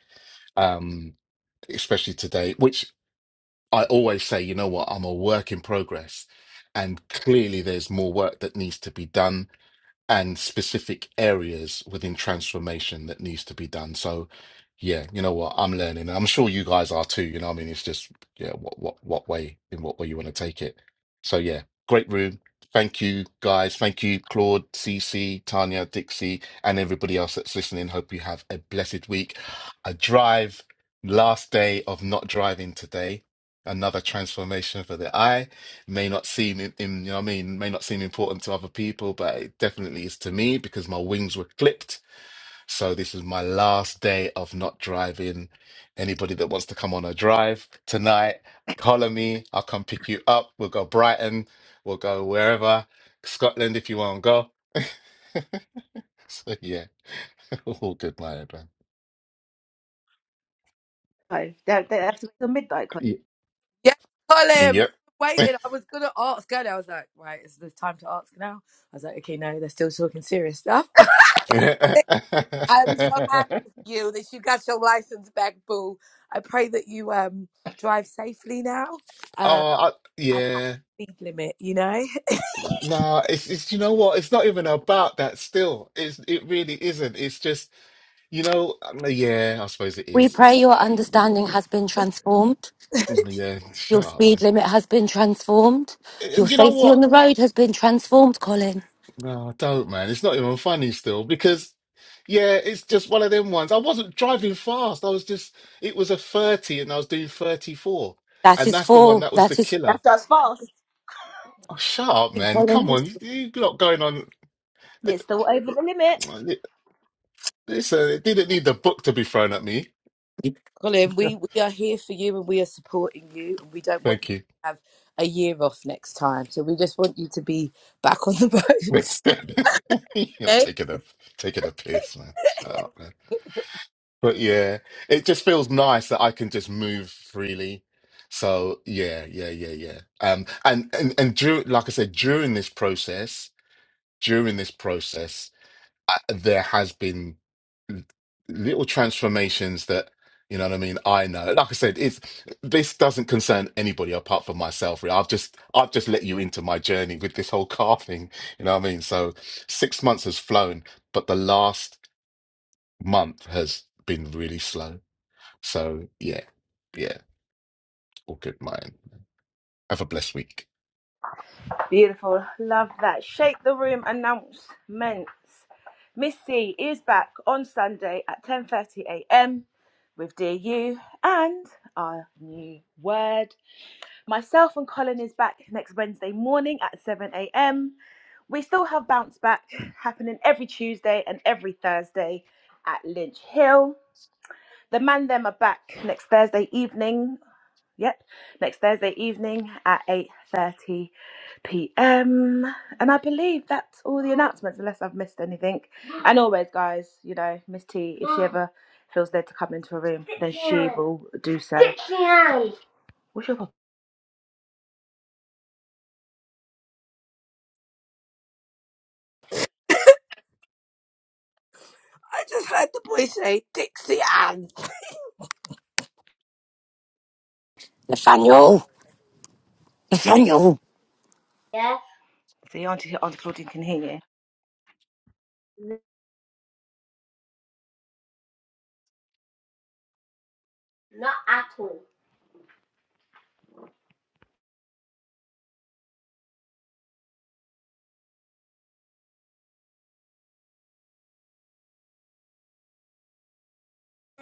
um, especially today, which I always say, you know what, I'm a work in progress, and clearly there's more work that needs to be done and specific areas within transformation that needs to be done. So, yeah, you know what? I'm learning. and I'm sure you guys are too. You know, what I mean, it's just yeah, what what what way in what way you want to take it. So yeah, great room. Thank you guys. Thank you, Claude, CC, Tanya, Dixie, and everybody else that's listening. Hope you have a blessed week. A drive, last day of not driving today. Another transformation for the eye may not seem in im- you know what I mean may not seem important to other people, but it definitely is to me because my wings were clipped. So this is my last day of not driving. Anybody that wants to come on a drive tonight, holler me. I'll come pick you up. We'll go Brighton. We'll go wherever Scotland if you want to go. so yeah, all good, my man.
No, that, that's the midnight.
Y-
Yes, Colin,
Yep.
waiting. I was gonna ask earlier. I was like, right, is the time to ask now? I was like, okay, no, they're still talking serious stuff. I'm so happy for you that you got your license back, boo. I pray that you um drive safely now. Um,
oh, I,
at
yeah.
speed limit, you know.
No, it's it's you know what? It's not even about that still. It's it really isn't. It's just, you know, um, yeah, I suppose it
We
is.
pray your understanding has been transformed.
Mm, Yeah,
Your
shut up,
speed
man.
limit has been transformed. Your
And you know
safety on
what?
the road has been transformed, Colin.
No, I don't, man. It's not even funny still because yeah, it's just one of them ones. I wasn't driving fast. I was just it was a 30 and I was doing 34.
That
And
is
that's the one
for,
that was the
that is,
killer.
That's just fast.
Oh, shut up, man. Come
Colin.
on. You, you lot going on. Li-
It's still over the limit.
li- Listen, it didn't need the book to be thrown at me.
Colin, we, we are here for you and we are supporting you. And we don't want you
Thank you.
to have a year off next time. So we just want you to be back on the boat.
It's You're
Okay?
taking a taking a piss, man. Shut up, man. But yeah, it just feels nice that I can just move freely. So yeah, yeah, yeah, yeah. Um, and and and dur like I said, during this process, during this process. I, there has been l- little transformations that you know what I mean. I know, like I said, it's this doesn't concern anybody apart from myself. Really. I've just I've just let you into my journey with this whole car thing. You know what I mean? So six months has flown, but the last month has been really slow. So yeah, yeah, all good, mate. Have a blessed week.
Beautiful. Love that. Shake the room announcements. Missy is back on Sunday at 10:30 a.m. with dear you and our new word. Myself and Colin is back next Wednesday morning at 7 a.m. We still have bounce back happening every Tuesday and every Thursday at Lynch Hill. The man them are back next Thursday evening Yep, next Thursday evening at 8.30 p.m. And I believe that's all the announcements, unless I've missed anything. And always, guys, you know, Miss T, if she ever feels led to come into a room, then she will do so. What's your problem?
I just heard the boy say Dixie Ann.
Nathaniel, Nathaniel.
Yes. See, Auntie, Auntie Claudine can hear you. Not at all.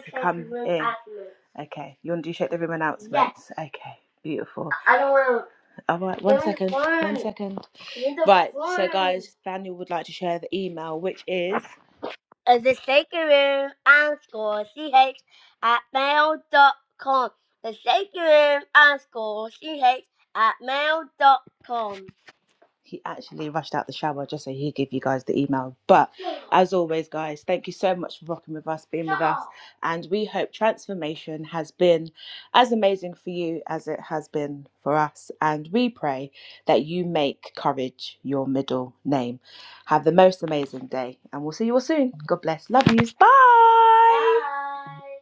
to come in. Okay, you want to do shake the room announcements? Yes. Okay, beautiful. I don't want. to. All right, one second, one second. Right, so guys, Daniel would like to share the email, which is Uh, the sacred room and score ch at mail dot com. The sacred room and score ch at mail dot com he actually rushed out the shower just so he'd give you guys the email. But as always, guys, thank you so much for rocking with us, being with us. And we hope transformation has been as amazing for you as it has been for us. And we pray that you make courage your middle name. Have the most amazing day. And we'll see you all soon. God bless. Love yous. Bye. Bye.